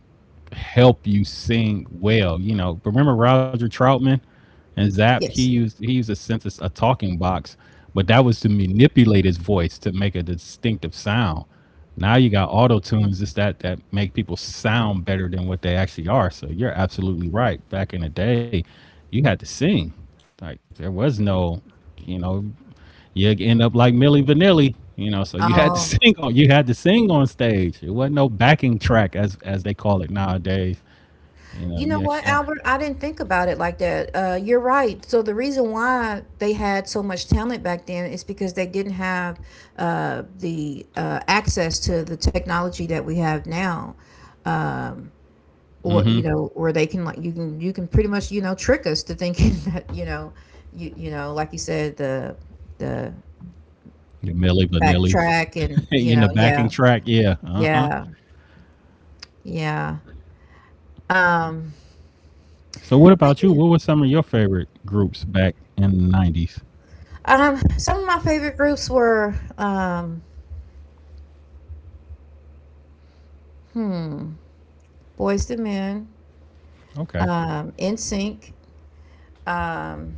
B: help you sing well. You know, remember Roger Troutman and Zap? He
A: Yes.
B: used he used a synthesis, a talking box, but that was to manipulate his voice to make a distinctive sound. Now you got auto tunes, just that make people sound better than what they actually are. So you're absolutely right. Back in the day, you had to sing. Like there was no, you know you end up like Milli Vanilli, you know. So you had to
A: Oh.
B: sing on you had to sing on stage. It wasn't no backing track as they call it nowadays. You
A: You
B: know,
A: know
B: yeah,
A: what,
B: yeah.
A: Albert? I didn't think about it like that. You're right. So the reason why they had so much talent back then is because they didn't have the access to the technology that we have now. Um, or you know, or they can, like you can, you can pretty much you know trick us to thinking that you know you know, like you said, the the
B: Your Millie Vanillis
A: backtrack, and you
B: in
A: know,
B: the backing
A: yeah,
B: track, yeah. Uh huh.
A: yeah, yeah. um
B: So what
A: but
B: about you?
A: yeah
B: What were some of your favorite groups back in the 90s?
A: Some of my favorite groups were, hmm Boys to Men,
B: Okay.
A: In Sync, um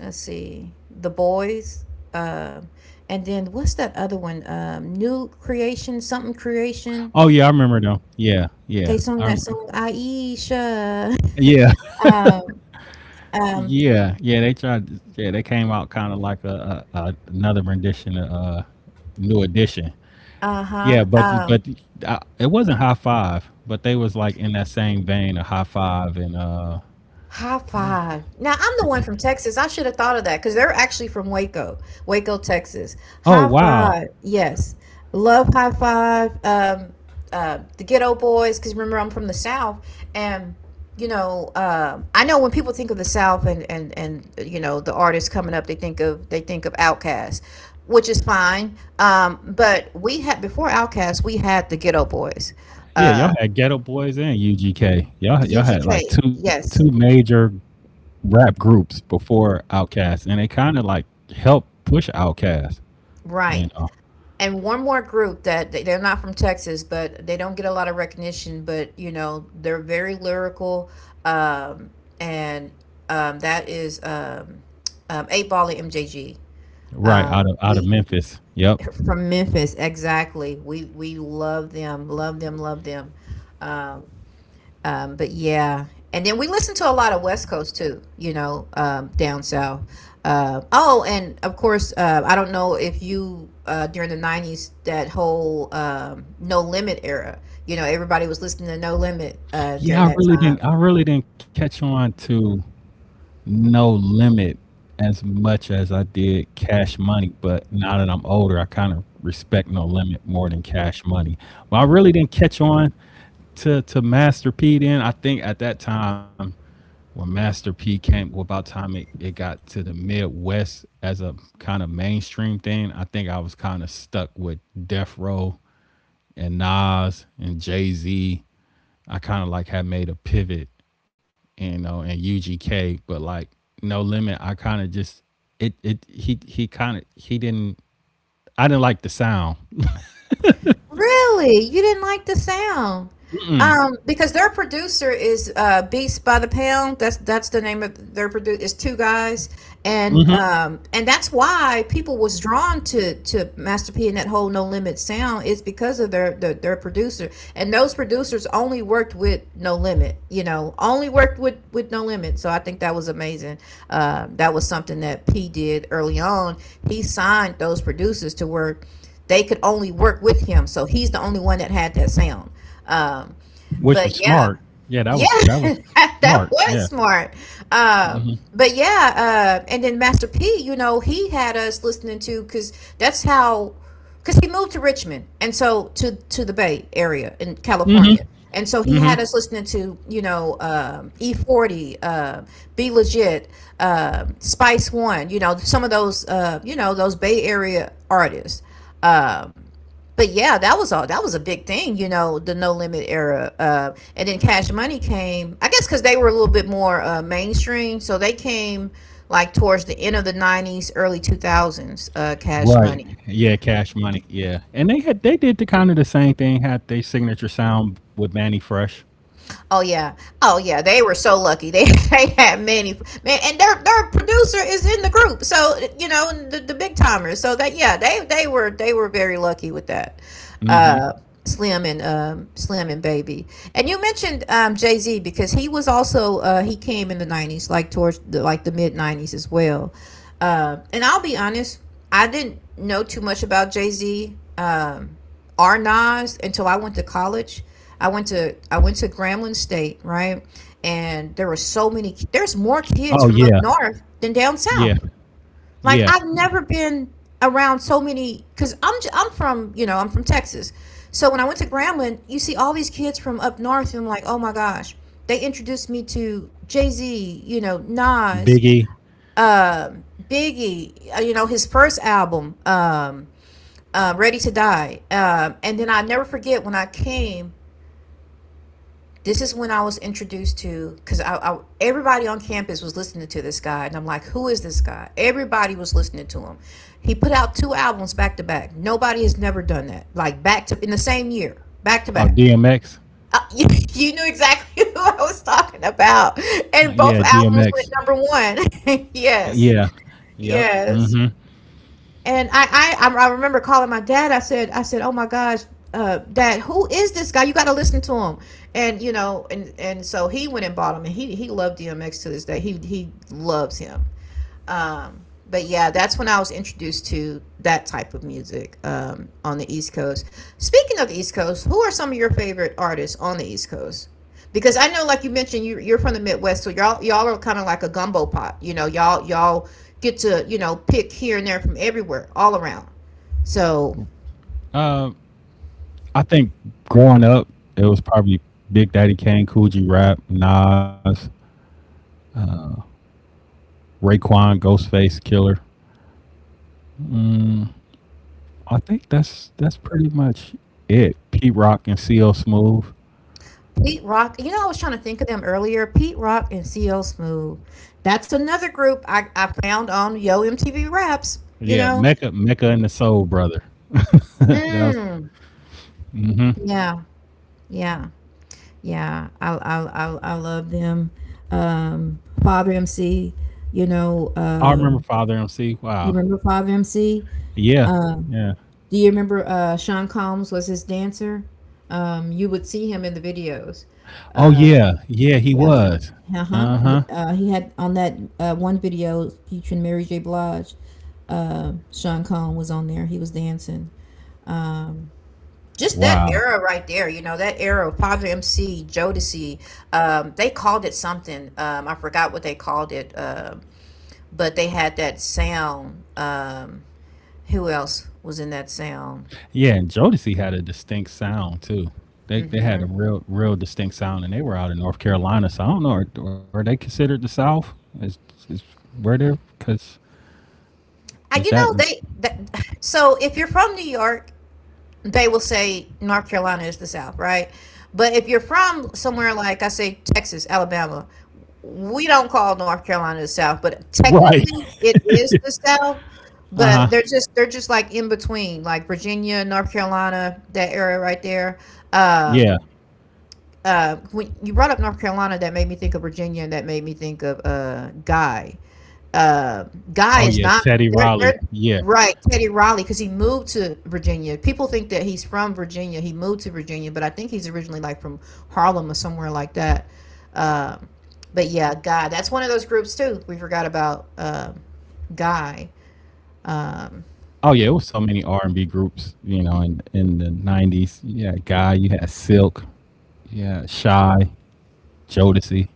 A: let's see, the Boys, um and then what's that other one, New Creation, something Creation.
B: Oh yeah, I remember them. Yeah, yeah,
A: They sung
B: I
A: that
B: remember.
A: song, "Aisha."
B: Yeah,
A: Um, um,
B: yeah, yeah. They tried. Yeah, they came out kind of like a another rendition of New Edition. Yeah,
A: uh-huh.
B: but
A: Um
B: it wasn't high five, but they was like in that same vein of high five and.
A: High Five. Now, I'm the
B: The,
A: one from Texas. I should have thought of that because they're actually from Waco, Waco, Texas.
B: oh
A: High
B: wow,
A: Five. Yes. Love High Five. The Ghetto Boys, because remember, I'm from the South. And, you know, I know when people think of the South you know, the artists coming up, they think of Outkast, which is fine. But we had, before Outkast, we had the Ghetto Boys,
B: yeah, y'all
A: uh,
B: had Ghetto Boys and UGK. Y'all had
A: UGK.
B: like two
A: Yes.
B: two major rap groups before Outkast, and they kind of like helped push Outkast.
A: Right.
B: You know,
A: And one more group that they're not from Texas, but they don't get a lot of recognition. But you know, they're very lyrical, um, and that is Eight Ball and MJG.
B: right out of out of
A: We
B: Memphis. Yep.
A: from Memphis, exactly. We love them, love them, love them. Um, um, but yeah, and then we listen to a lot of West Coast too, you know, down south. Oh, and of course, I don't know if you during the '90s, that whole No Limit era. You know, everybody was listening to No Limit during
B: Yeah, I
A: that
B: really
A: time.
B: didn't. I really didn't Catch on to No Limit as much as I did Cash Money, but now that I'm older, I kind of respect No Limit more than Cash Money. But I really didn't catch on to Master P then. I think at that time when Master P came, well, about time it got to the Midwest as a kind of mainstream thing, I think I was kind of stuck with Death Row and Nas and Jay Z. I kind of like had made a pivot, you know, in UGK, but like No Limit, I kind of just it he kind of he didn't. I didn't like the sound,
A: Really? You didn't like the sound? Because their producer is Beats by the Pound. That's the name of their producer. It's two guys, and that's why people was drawn to Master P, and that whole No Limit sound is because of their producer. And those producers only worked with No Limit. You know, only worked with No Limit. So I think that was amazing. That was something that P did early on. He signed those producers to work. They could only work with him, so he's the only one that had that sound. um
B: which was
A: but yeah,
B: smart. Yeah, that
A: yeah,
B: was that was
A: that
B: smart.
A: that
B: Yeah.
A: was smart. Uh,
B: Hmm.
A: but yeah, and then Master P, you know, he had us listening to, because that's how, because he moved to Richmond, and so to the Bay Area in California, and so he had us listening to, you know, E-40, Be Legit, Spice One, you know, some of those, you know, those Bay Area artists. Um, but yeah, that was all. That was a big thing, you know, the No Limit era. And then Cash Money came, I guess, because they were a little bit more mainstream. So they came like towards the end of the '90s, early 2000s. Cash
B: Right.
A: Money.
B: Yeah, Cash Money. Yeah, and they did the kind of the same thing. Had their signature sound with Manny Fresh.
A: Oh yeah, oh yeah, they were so lucky. They they had many, man, and their producer is in the group, so you know, the big timers. So that, yeah, they were very lucky with that.
B: Hmm.
A: Uh, Slim and, Slim and Baby, and you mentioned Jay Z, because he was also he came in the '90s, like towards the, like the mid '90s as well. And I'll be honest, I didn't know too much about Jay Z. Our Nas, until I went to college. I went to Grambling State, right? And there were so many. There's more
B: Oh
A: kids from
B: yeah,
A: up north than down
B: yeah,
A: south. Like
B: yeah.
A: I've never been around so many, because I'm from, you know, I'm from Texas. So when I went to Grambling, you see all these kids from up north, and I'm like, oh my gosh. They introduced me to Jay Z, you know, Nas,
B: Biggie.
A: um, Biggie, you know, his first album. Ready to Die. And then I never forget when I came. This is when I was introduced to, because I everybody on campus was listening to this guy, and I'm like, who is this guy? Everybody was listening to him. He put out two albums back to back. Nobody has never done that, like back to in the same year, back to
B: Oh
A: back.
B: DMX.
A: Uh, you, you knew exactly who I was talking about, and
B: Yeah,
A: both albums
B: DMX.
A: went number one. Yes,
B: Yeah. Yep.
A: yes.
B: Hmm.
A: And I remember calling my dad. I said, "Oh my gosh, Dad, who is this guy? You got to listen to him." And you know, and so he went and bought him, and he loved DMX to this day. He loves him. Um, but yeah, that's when I was introduced to that type of music, on the East Coast. Speaking of the East Coast, who are some of your favorite artists on the East Coast? Because I know, like you mentioned, you're from the Midwest, so y'all are kind of like a gumbo pot. You know, y'all get to, you know, pick here and there from everywhere, all around. So
B: Um. I think growing up, it was probably Big Daddy Kane, Cool G Rap, Nas, Raekwon, Ghostface, Killer. I think that's pretty much it. Pete Rock and CL Smooth.
A: Pete Rock, you know, I was trying to think of them earlier. Pete Rock and CL Smooth. That's another group I found on Yo MTV Raps. You
B: Yeah,
A: know.
B: Mecca and the Soul Brother. That was.
A: Mm,
B: Hmm.
A: yeah, yeah, yeah. I love them, Father MC, you know.
B: I remember Father MC. Wow.
A: You remember Father MC?
B: Yeah. Yeah.
A: Do you remember Sean Combs was his dancer? You would see him in the videos.
B: Oh yeah. Yeah, he
A: Yeah, Sean.
B: was.
A: Uh-huh.
B: Uh huh.
A: He had on that one video featuring Mary J. Blige. Sean Combs was on there, he was dancing. Um, just that
B: Wow.
A: era right there, you know, that era of Padre MC, Jodeci, they called it something. I forgot what they called it, but they had that sound. Who else was in that sound?
B: Yeah, and Jodeci had a distinct sound too. They had a
A: Hmm.
B: real distinct sound, and they were out in North Carolina. So I don't know, are they considered the South? Is is where they're because is
A: You
B: that
A: know, they that. So if you're from New York, they will say North Carolina is the South, right? But if you're from somewhere like, I say, Texas, Alabama, we don't call North Carolina the South, but
B: right?
A: technically it is the South.
B: Uh
A: But
B: huh.
A: they're just like in between, like Virginia, North Carolina, that area right there.
B: Yeah.
A: Um, when you brought up North Carolina, that made me think of Virginia, and that made me think of Guy. uh, Guy
B: Oh
A: is
B: yeah,
A: not.
B: Teddy Riley.
A: They're
B: Yeah.
A: Right, Teddy Riley, because he moved to Virginia. People think that he's from Virginia. He moved to Virginia, but I think he's originally like from Harlem or somewhere like that. Uh, but yeah, Guy. That's one of those groups too. We forgot about, Guy. Um,
B: Oh yeah, it was so many R&B groups, you know, in the 90s. Yeah, Guy. You had Silk. Yeah, Shy. Jodeci.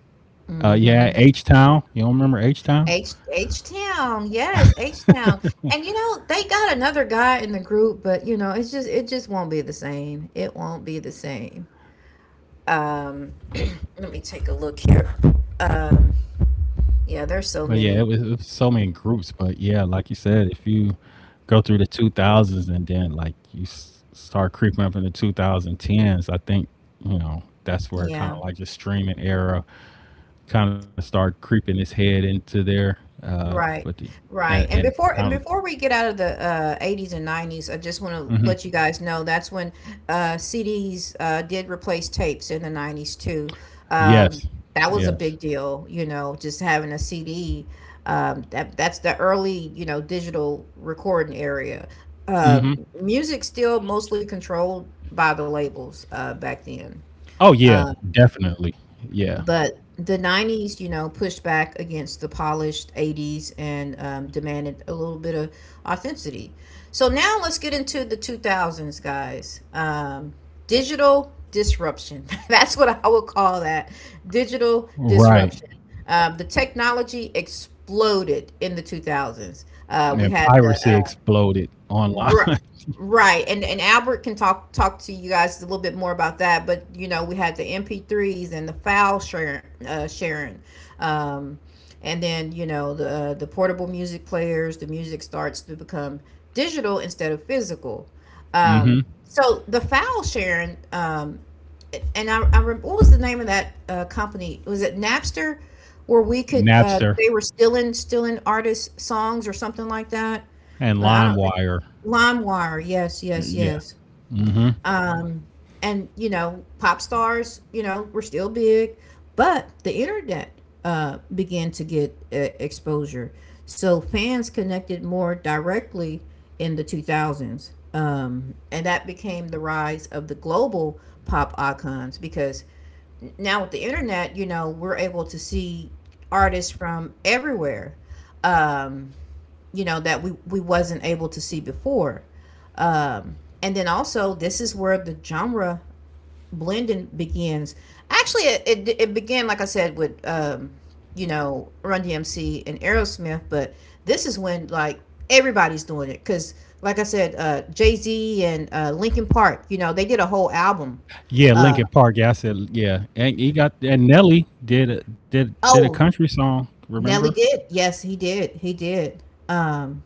B: Yeah,
A: Mm-hmm.
B: H Town. You don't remember H Town?
A: H Town, yes, H Town, and you know they got another guy in the group, but you know it just won't be the same. It won't be the same. Um, let me take a look here. Um, yeah, there's
B: But
A: so
B: yeah, it was,
A: many.
B: it was so many groups. But yeah, like you said, if you go through the 2000s and then like you start creeping up in the 2010s, I think, you know, that's where kind
A: Yeah,
B: of like the streaming era kind of start creeping its head into there. Uh, but
A: right,
B: the,
A: right. And
B: and
A: before and
B: kind of,
A: before we get out of the 80s and 90s, I just want to
B: mhm.
A: let you guys know that's when CDs did replace tapes in the 90s too.
B: Yes,
A: Um, that was a
B: yes.
A: big deal, you know, just having a CD. That's the early, you know, digital recording area. Um
B: hmm
A: Music still mostly controlled by the labels, back then.
B: Oh, yeah,
A: Um,
B: definitely. Yeah,
A: but the 90s, you know, pushed back against the polished 80s and demanded a little bit of authenticity. So now let's get into the 2000s, guys. Digital disruption. That's what I would call that. Digital
B: right.
A: disruption. The technology exploded in the 2000s. We
B: And
A: had the
B: piracy exploded online.
A: Ri- Right. And Albert can talk to you guys a little bit more about that, but you know, we had the MP3s and the file sharing. Um and then, you know, the portable music players, the music starts to become digital instead of physical.
B: hmm
A: So the file sharing. And what was the name of that company? Was it Napster, where we could
B: Napster
A: they were stealing artists' songs or something like that?
B: and
A: But I don't think.
B: LimeWire.
A: LimeWire. Yes, yes,
B: Yeah.
A: yes.
B: hmm
A: Um, and you know, pop stars, you know, were still big, but the internet began to get exposure. So fans connected more directly in the 2000s, and that became the rise of the global pop icons, because now with the internet, you know, we're able to see artists from everywhere. Um, you know, that we wasn't able to see before. um and then also, this is where the genre blending begins. Actually, it began, like I said, with, you know, Run DMC and Aerosmith. But this is when, like, everybody's doing it because, like I said, Jay-Z and Linkin Park, you know, they did a whole album.
B: Yeah,
A: uh
B: Linkin Park. Yeah, I said yeah. And he got and Nelly did did a
A: oh,
B: country song, remember?
A: Nelly did, yes, he did. um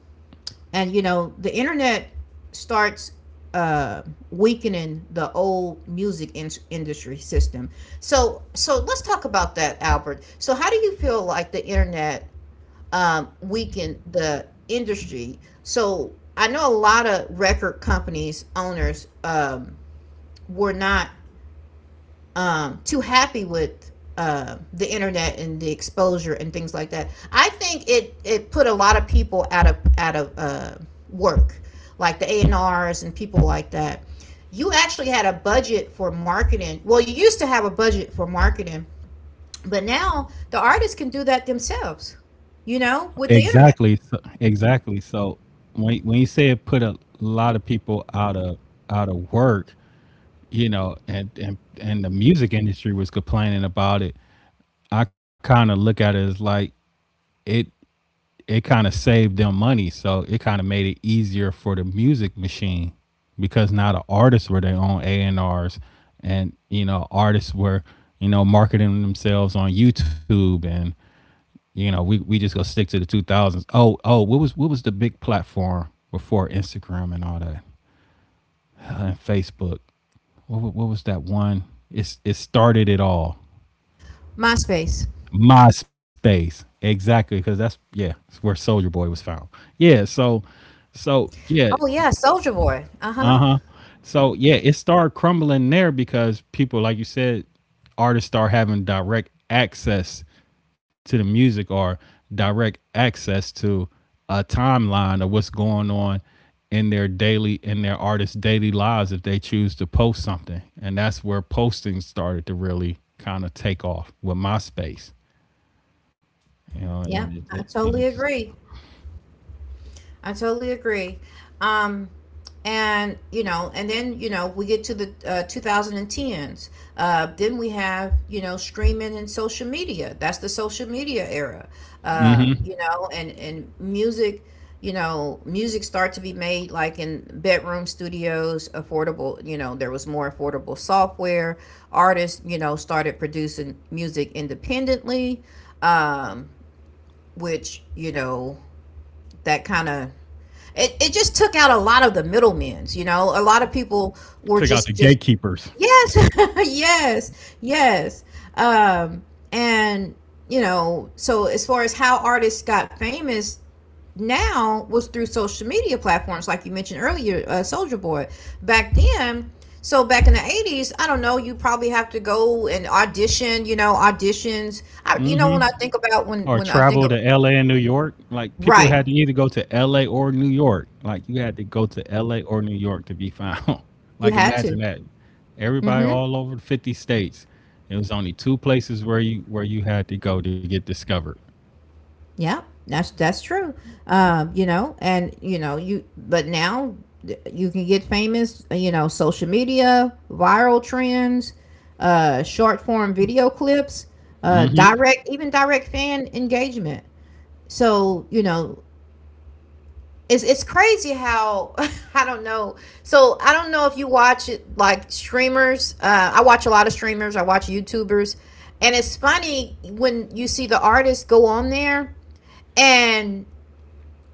A: and you know, the internet starts uh weakening the old music industry system. So let's talk about that, Albert. So how do you feel like the internet weakened the industry? So I know a lot of record companies owners were not, too happy with the internet and the exposure and things like that. I think it put a lot of people out of work, like the A&R's and people like that. You actually had a budget for marketing. Well, you used to have a budget for marketing, but now the artists can do that themselves. You know, with the internet.
B: Exactly. So, exactly. So when you say it put a lot of people out of work, you know, and the music industry was complaining about it, I kind of look at it as like it it kind of saved them money. So it kind of made it easier for the music machine because now the artists were their own A and R's, and you know artists were you know marketing themselves on YouTube, and you know we just go stick to the two thousands. Oh, what was the big platform before Instagram and all that and Facebook? What was that one? It started it all.
A: MySpace.
B: MySpace. Exactly, because that's yeah, it's where Soldier Boy was found. Yeah, so so yeah.
A: Oh yeah, Soldier Boy. Uh huh.
B: So yeah, it started crumbling there because people, like you said, artists start having direct access to the music or direct access to a timeline of what's going on in their daily in their artists' daily lives if they choose to post something. And that's where posting started to really kind of take off with MySpace. You know, and
A: Yeah,
B: it, it
A: I
B: and it
A: totally
B: just
A: agree. I totally agree. Um, and you know, and then you know, we get to the 2010s. Then we have, you know, streaming and social media. That's the social media era. You know, and music. You know, music start to be made like in bedroom studios, affordable. You know, there was more affordable software. Artists, you know, started producing music independently, um, which you know that kind of it just took out a lot of the middlemen, you know. A lot of people were
B: took out
A: just
B: the
A: just
B: gatekeepers
A: yes, yes, yes. Um and you know, so as far as how artists got famous now was through social media platforms like you mentioned earlier, Soldier Boy. Back then, back in the 80s, I don't know, you probably have to go and audition, you know, auditions. I, you know when I think about
B: or
A: when I
B: travel
A: think
B: to
A: of
B: LA and New York. Like people
A: Right,
B: had to either go to LA or New York. Like you had to go to LA or New York to be found.
A: you
B: Like
A: had
B: imagine
A: to.
B: that. Everybody
A: Mm-hmm.
B: all over 50 states. It was only two places where you had to go to get discovered.
A: Yeah, that's true. You know, and you know, you but Now you can get famous, social media, viral trends, uh, short form video clips, direct fan engagement. So, you know, it's crazy how, I don't know. So, I don't know if you watch it, like, streamers. Uh, I watch a lot of streamers, I watch YouTubers, and it's funny when you see the artists go on there, and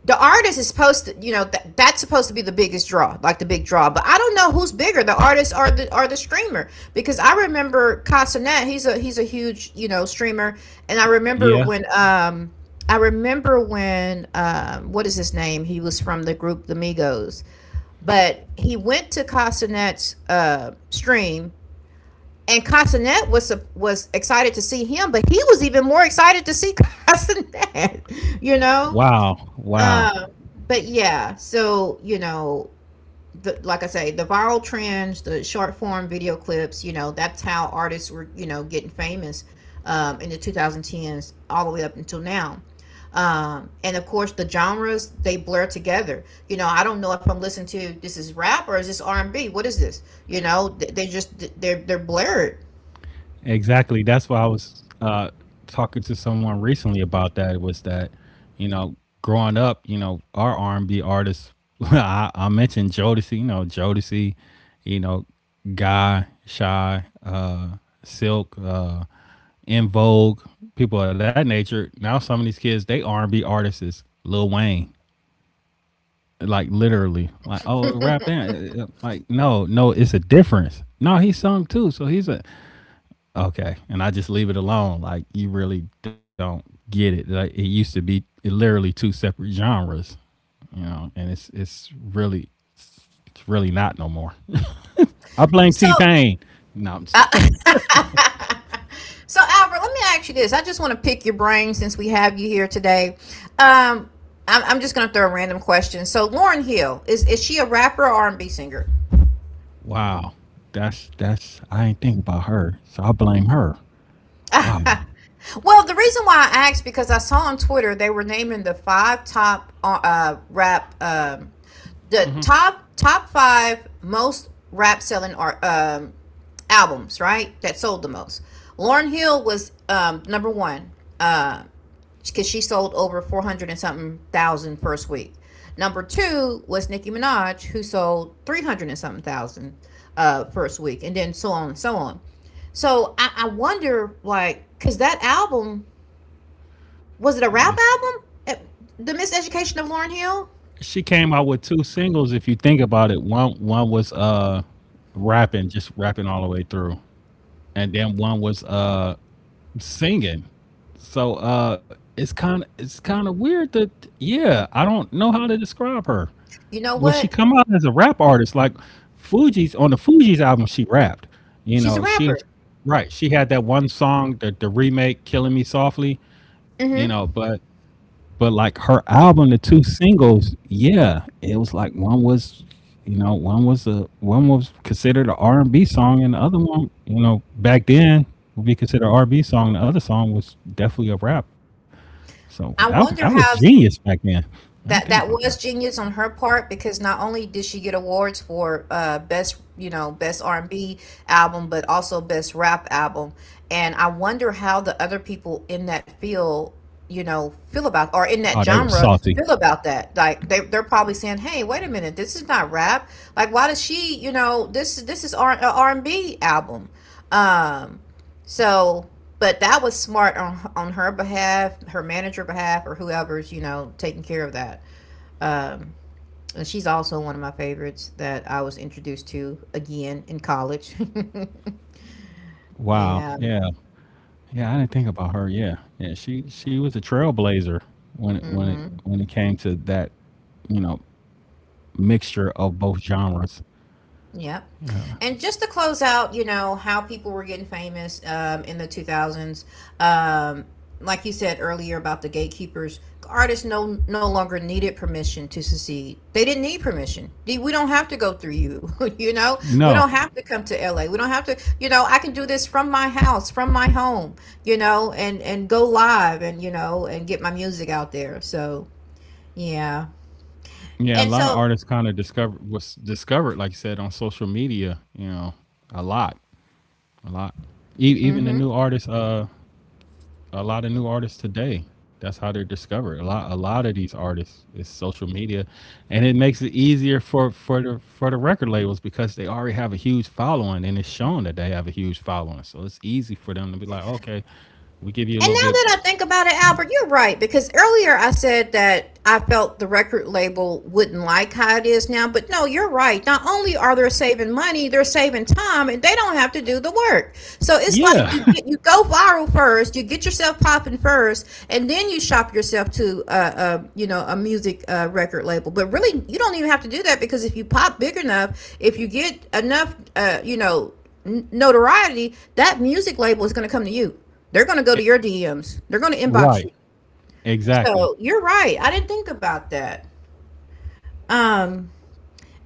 A: the artist is supposed to, you know, that's supposed to be the biggest draw, like the big draw, but I don't know who's bigger, the artist or the streamer, because I remember Casanet, he's a huge, you know, streamer, and
B: Yeah.
A: I remember when, what is his name, he was from the group the Migos, but he went to Casanet's uh, stream, and Casanet was excited to see him, but he was even more excited to see Casanet. You know,
B: Wow. Wow.
A: um, but yeah, so, you know, the, like I say, the viral trends, the short form video clips, you know, that's how artists were, you know, getting famous, in the 2010s all the way up until now. And of course, the genres, they blur together. You know, I don't know if I'm listening to, this is rap, or is this R and B? What is this? You know, they just they're blurred.
B: Exactly. That's why I was talking to someone recently about that. Was that you know growing up, you know our R and B artists. I mentioned Jodeci. You know Jodeci. You know Guy, Shy, Silk, In Vogue, people of that nature. Now some of these kids, they R and B artists is Lil Wayne. Like literally, like oh, rap in. Like no, no, it's a difference. No, he sung too, so he's a okay, and I just leave it alone. Like you really don't get it. Like it used to be literally two separate genres, you know, and it's really not no more. I blame T
A: So
B: Pain. No, I'm just
A: Uh,
B: playing.
A: so Albert, let me ask you this. I just want to pick your brain since we have you here today. Um, I'm just going to throw a random question. So Lauren Hill, is she a rapper or R&B singer?
B: Wow. That's I ain't think about her. So I blame her.
A: Well,
B: Wow.
A: the reason why I asked, because I saw on Twitter they were naming the five top, rap, the top five most rap selling art albums, right, that sold the most. Lauren Hill was, number one. Uh, because she sold over 400 and something thousand first week. Number two was Nicki Minaj, who sold 300 and something thousand, first week, and then so on and so on. So I wonder, like, because that album, was it a
B: The
A: rap
B: mis-
A: album? The Miseducation of Lauryn Hill?
B: She came out with two singles if you think about it. One was rapping, just rapping all the way through. And then one was singing. So it's kind of weird that yeah, I don't know how to describe her.
A: You know
B: Well, she
A: what?
B: come out as a rap artist like Fuji's on the Fuji's album she rapped. You
A: She's a
B: know, she
A: rapper.
B: right, she had that one song the remake Killing Me Softly, you know,
A: Hmm.
B: but like her album, the two singles, yeah, it was like one was, you know, one was a one was considered an R and B song, and the other one, you know, back then would be considered an R and B song. The other song was definitely a rap. So
A: I
B: that was
A: wonder how.
B: genius back then. I didn't think
A: That
B: about
A: that
B: that.
A: was genius on her part, because not only did she get awards for, uh, best, you know, best R&B album, but also best rap album. And I wonder how the other people in that field, you know, feel about, or
B: Oh,
A: in
B: they were
A: that genre
B: salty.
A: feel about that. Like, they they're probably saying, "Hey, wait a minute, this is not rap. Like, why does she, you know, this is R R&B album." Um so but that was smart on her behalf, her manager behalf, or whoever's, you know, taking care of that. Um, and she's also one of my favorites that I was introduced to again in college.
B: Wow.
A: Yeah.
B: Yeah. Yeah. I didn't think about her. Yeah. Yeah. She was a trailblazer when it when it
A: Hmm.
B: when it came to that, you know, mixture of both genres.
A: Yep. And just to close out, you know, how people were getting famous, in the 2000s, um, like you said earlier, about the gatekeepers, artists no longer needed permission to succeed. They didn't need permission. They- we don't have to go through you. You know, we don't
B: No.
A: have to come to LA. We don't have to. You know, I can do this from my house, from my home. You know, and go live, and you know, and get my music out there. So yeah,
B: Yeah, a
A: and
B: lot of
A: so.
B: artists discovered, like you said, on social media. You know, a lot, a lot. Even the
A: Mhm.
B: new artists, a lot of new artists today. That's how they're discovered. A lot of these artists is social media, and it makes it easier for for the record labels because they already have a huge following, and it's shown that they have a huge following. So it's easy for them to be like, okay, we give you
A: And
B: a
A: now
B: little bit.
A: that I think about it, Albert, you're right, because earlier I said that I felt the record label wouldn't like how it is now, but no, you're right. Not only are they saving money, they're saving time, and they don't have to do the work. So it's like,
B: Yeah,
A: you get, you go viral first, you get yourself popping first, and then you shop yourself to, you know, a music, record label. But really, you don't even have to do that, because if you pop big enough, if you get enough, you know, notoriety, that music label is going to come to you, they're going to go to your DMs. They're going to inbox
B: right.
A: you.
B: Exactly.
A: So you're right. I didn't think about that. Um,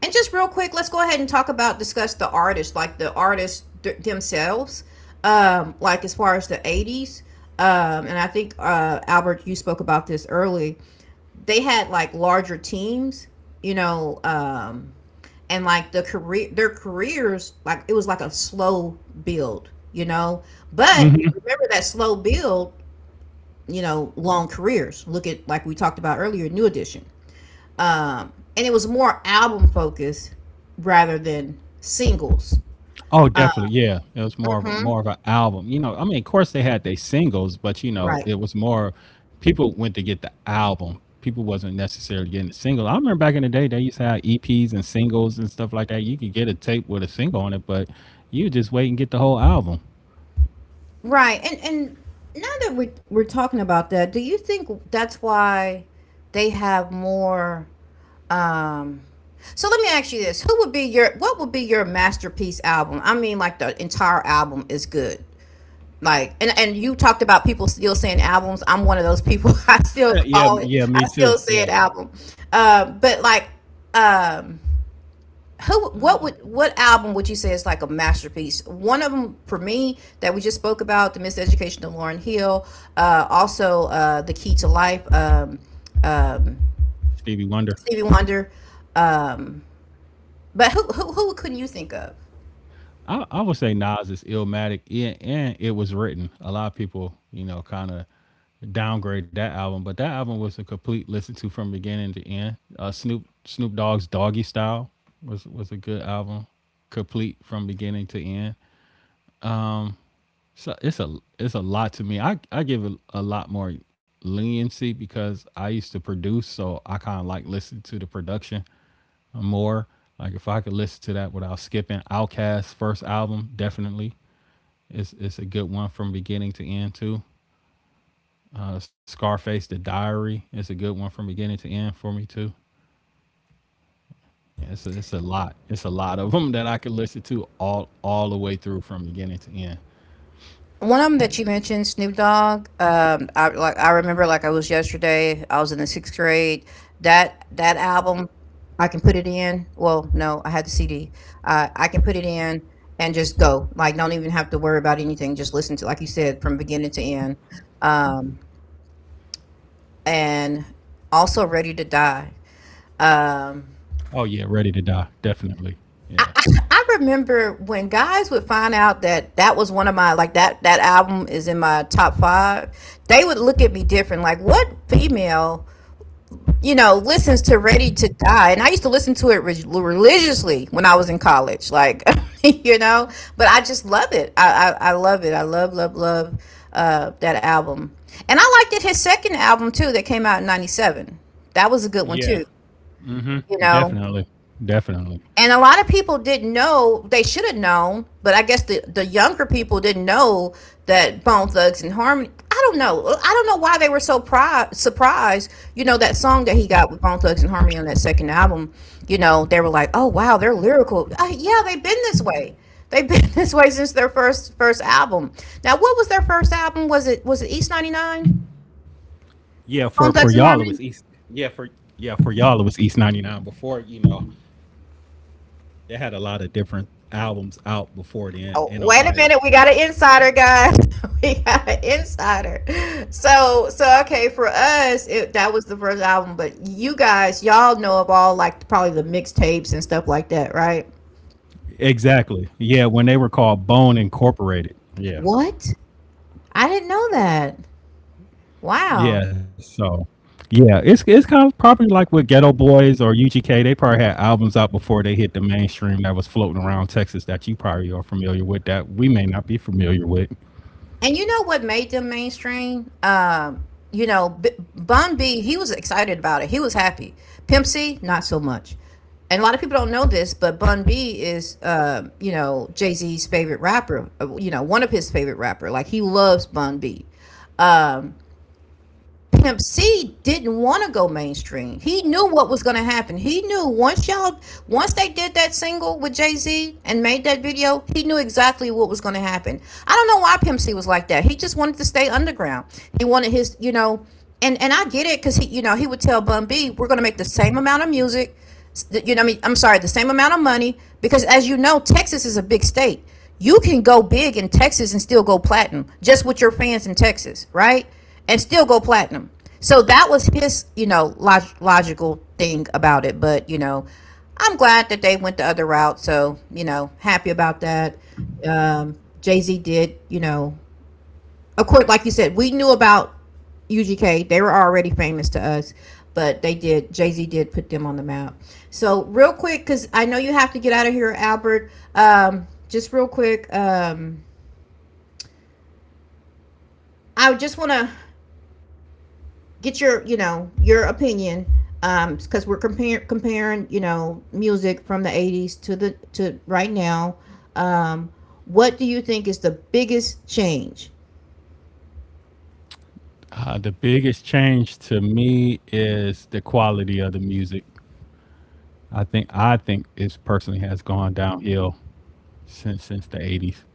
A: and just real quick, let's go ahead and talk about discuss the artists, like the artists themselves, like as far as the '80s. And I think, Albert, you spoke about this early. They had like larger teams, you know, and like their careers, like, it was like a slow build, you know. But remember that slow build, you know, long careers. Look at, like we talked about earlier, New Edition. And it was more album focused rather than singles.
B: Oh,
A: Uh,
B: definitely, yeah. It was more of
A: mhm.
B: an album. You know, I mean, of course they had their singles, but you know,
A: Right,
B: it was more people went to get the album. People wasn't necessarily getting the single. I remember back in the day they used to have EPs and singles and stuff like that. You could get a tape with a single on it, but you just wait and get the whole album.
A: right. And now that we're talking about that, do you think that's why they have more? Um, so let me ask you this: who would be your, what would be your masterpiece album? I mean, like, the entire album is good. Like, and you talked about people still saying albums. I'm one of those people. I still
B: Yeah,
A: call
B: yeah,
A: it.
B: me
A: I
B: too.
A: still
B: Yeah.
A: say it, album. But like, um, who? What would? What album would you say is like a masterpiece? One of them for me that we just spoke about, the Miseducation of Lauryn Hill. Also, the Key to Life. Um,
B: Stevie Wonder.
A: Stevie Wonder. Um, but who? Who? Who couldn't you think of?
B: I would say Nas is illmatic, yeah, and it was written. A lot of people, you know, kind of downgrade that album, but that album was a complete listen to from beginning to end. Snoop Dogg's Doggy Style was a good album, complete from beginning to end. So it's a lot to me. I give it a lot more leniency because I used to produce, so I kind of like listen to the production more. Like if I could listen to that without skipping, Outkast first album definitely it's a good one from beginning to end too. Scarface: The Diary is a good one from beginning to end for me too. Yeah, it's a lot. It's a lot of them that I could listen to all the way through from beginning to end.
A: One of them that you mentioned, Snoop Dogg. I like I remember like I was yesterday. I was in the sixth grade. That album, I can put it in. Well, no, I had the CD. I can put it in and just go. Like, don't even have to worry about anything. Just listen to, like you said, from beginning to end. Um, and also, Ready to Die. Um,
B: Oh yeah, Ready to Die, definitely. Yeah,
A: I, I I remember when guys would find out that that was one of my, like, that album is in my top five. They would look at me different, like, what female, you know, listens to Ready to Die? And I used to listen to it religiously when I was in college, like you know. But I just love it. I love it. I love love love, that album. And I liked it, his second album too that came out in '97. That was a good one
B: yeah,
A: too. You know,
B: definitely, definitely.
A: and a lot of people didn't know, they should have known, but I guess the younger people didn't know, that Bone Thugs and Harmony. I don't know. I don't know why they were so surprised. You know, that song that he got with Bone Thugs and Harmony on that second album, you know, they were like, oh, wow, they're lyrical. Yeah, they've been this way. They've been this way since their first album. Now, what was their first album? Was it East 99?
B: Yeah,
A: Bone
B: for
A: Thugs and
B: y'all it
A: Harmony?
B: was East. Yeah, for yeah for y'all it was East 99. Before you know, they had a lot of different albums out before
A: Oh,
B: then in
A: wait a minute, we
B: Ohio.
A: got an insider, guys. We got an insider. So, so okay, for us, that was the first album, but you guys, y'all know of all, like, probably the mixtapes and stuff like that, right?
B: Exactly. Yeah, when they were called Bone Incorporated. Yeah.
A: What? I didn't know that. Wow.
B: Yeah. So yeah, it's kind of probably like with Ghetto Boys or UGK. They probably had albums out before they hit the mainstream that was floating around Texas that you probably are familiar with that we may not be familiar with.
A: And you know what made them mainstream? You know, Bun B, he was excited about it. He was happy. Pimp C, not so much. And a lot of people don't know this, but Bun B is, you know, Jay Z's favorite rapper. You know, one of his favorite rapper. Like, he loves Bun B. Um, Pimp C didn't want to go mainstream. He knew what was going to happen. He knew once y'all, once they did that single with Jay Z and made that video, he knew exactly what was going to happen. I don't know why Pimp C was like that. He just wanted to stay underground. He wanted his, you know, and I get it, because he, you know, he would tell Bun B, "We're going to make the same amount of music, you know, I mean, I'm sorry, the same amount of money." Because as you know, Texas is a big state, you can go big in Texas and still go platinum, just with your fans in Texas, right? And still go platinum. So that was his, you know, logical thing about it. But, you know, I'm glad that they went the other route. So, you know, happy about that. Jay Z did, you know, of course, like you said, we knew about UGK. They were already famous to us, but they did. Jay Z did put them on the map. So real quick, because I know you have to get out of here, Albert. Just real quick, I just want to get your, you know, your opinion, because we're comparing, you know, music from the '80s to the to right now. Um, what do you think is the biggest change?
B: The biggest change to me is the quality of the music. I think it personally has gone downhill since 80s.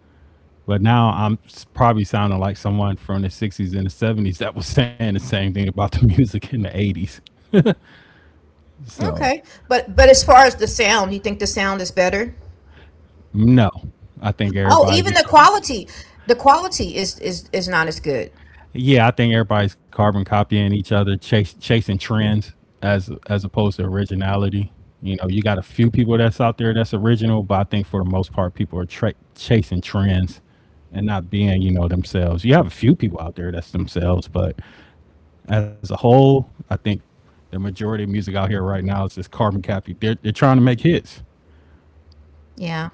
B: But now I'm probably sounding like someone from the 60s and the 70s that was saying the same thing about the music in the 80s. So,
A: Okay, but as far as the sound, you think the sound is better?
B: no, I think
A: Oh,
B: everybody's
A: even
B: just,
A: the quality is not as good.
B: yeah, I think everybody's carbon copying each other, chasing trends as opposed to originality. You know, you got a few people that's out there that's original, but I think for the most part, people are chasing trends and not being, you know, themselves. You have a few people out there that's themselves, but as a whole, I think the majority of music out here right now is just carbon copy. They're trying to make hits.
A: Yeah,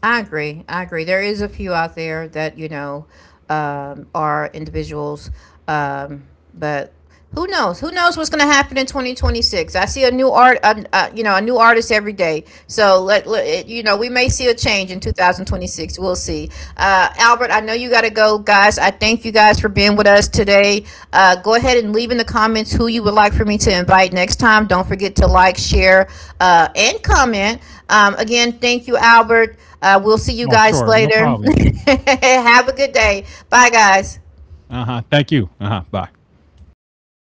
A: I agree. I agree. There is a few out there that, you know, are individuals, um, but who knows? Who knows what's going to happen in 2026? I see a new you know, a new artist every day. So let, let it, you know, we may see a change in 2026. We'll see. Albert, I know you got to go, guys. I thank you guys for being with us today. Go ahead and leave in the comments who you would like for me to invite next time. Don't forget to like, share, and comment. Again, thank you, Albert. We'll see you
B: Oh,
A: guys
B: sure. No
A: later.
B: problem.
A: Have a good day. Bye, guys.
B: Uh huh. Thank you. Uh huh. Bye.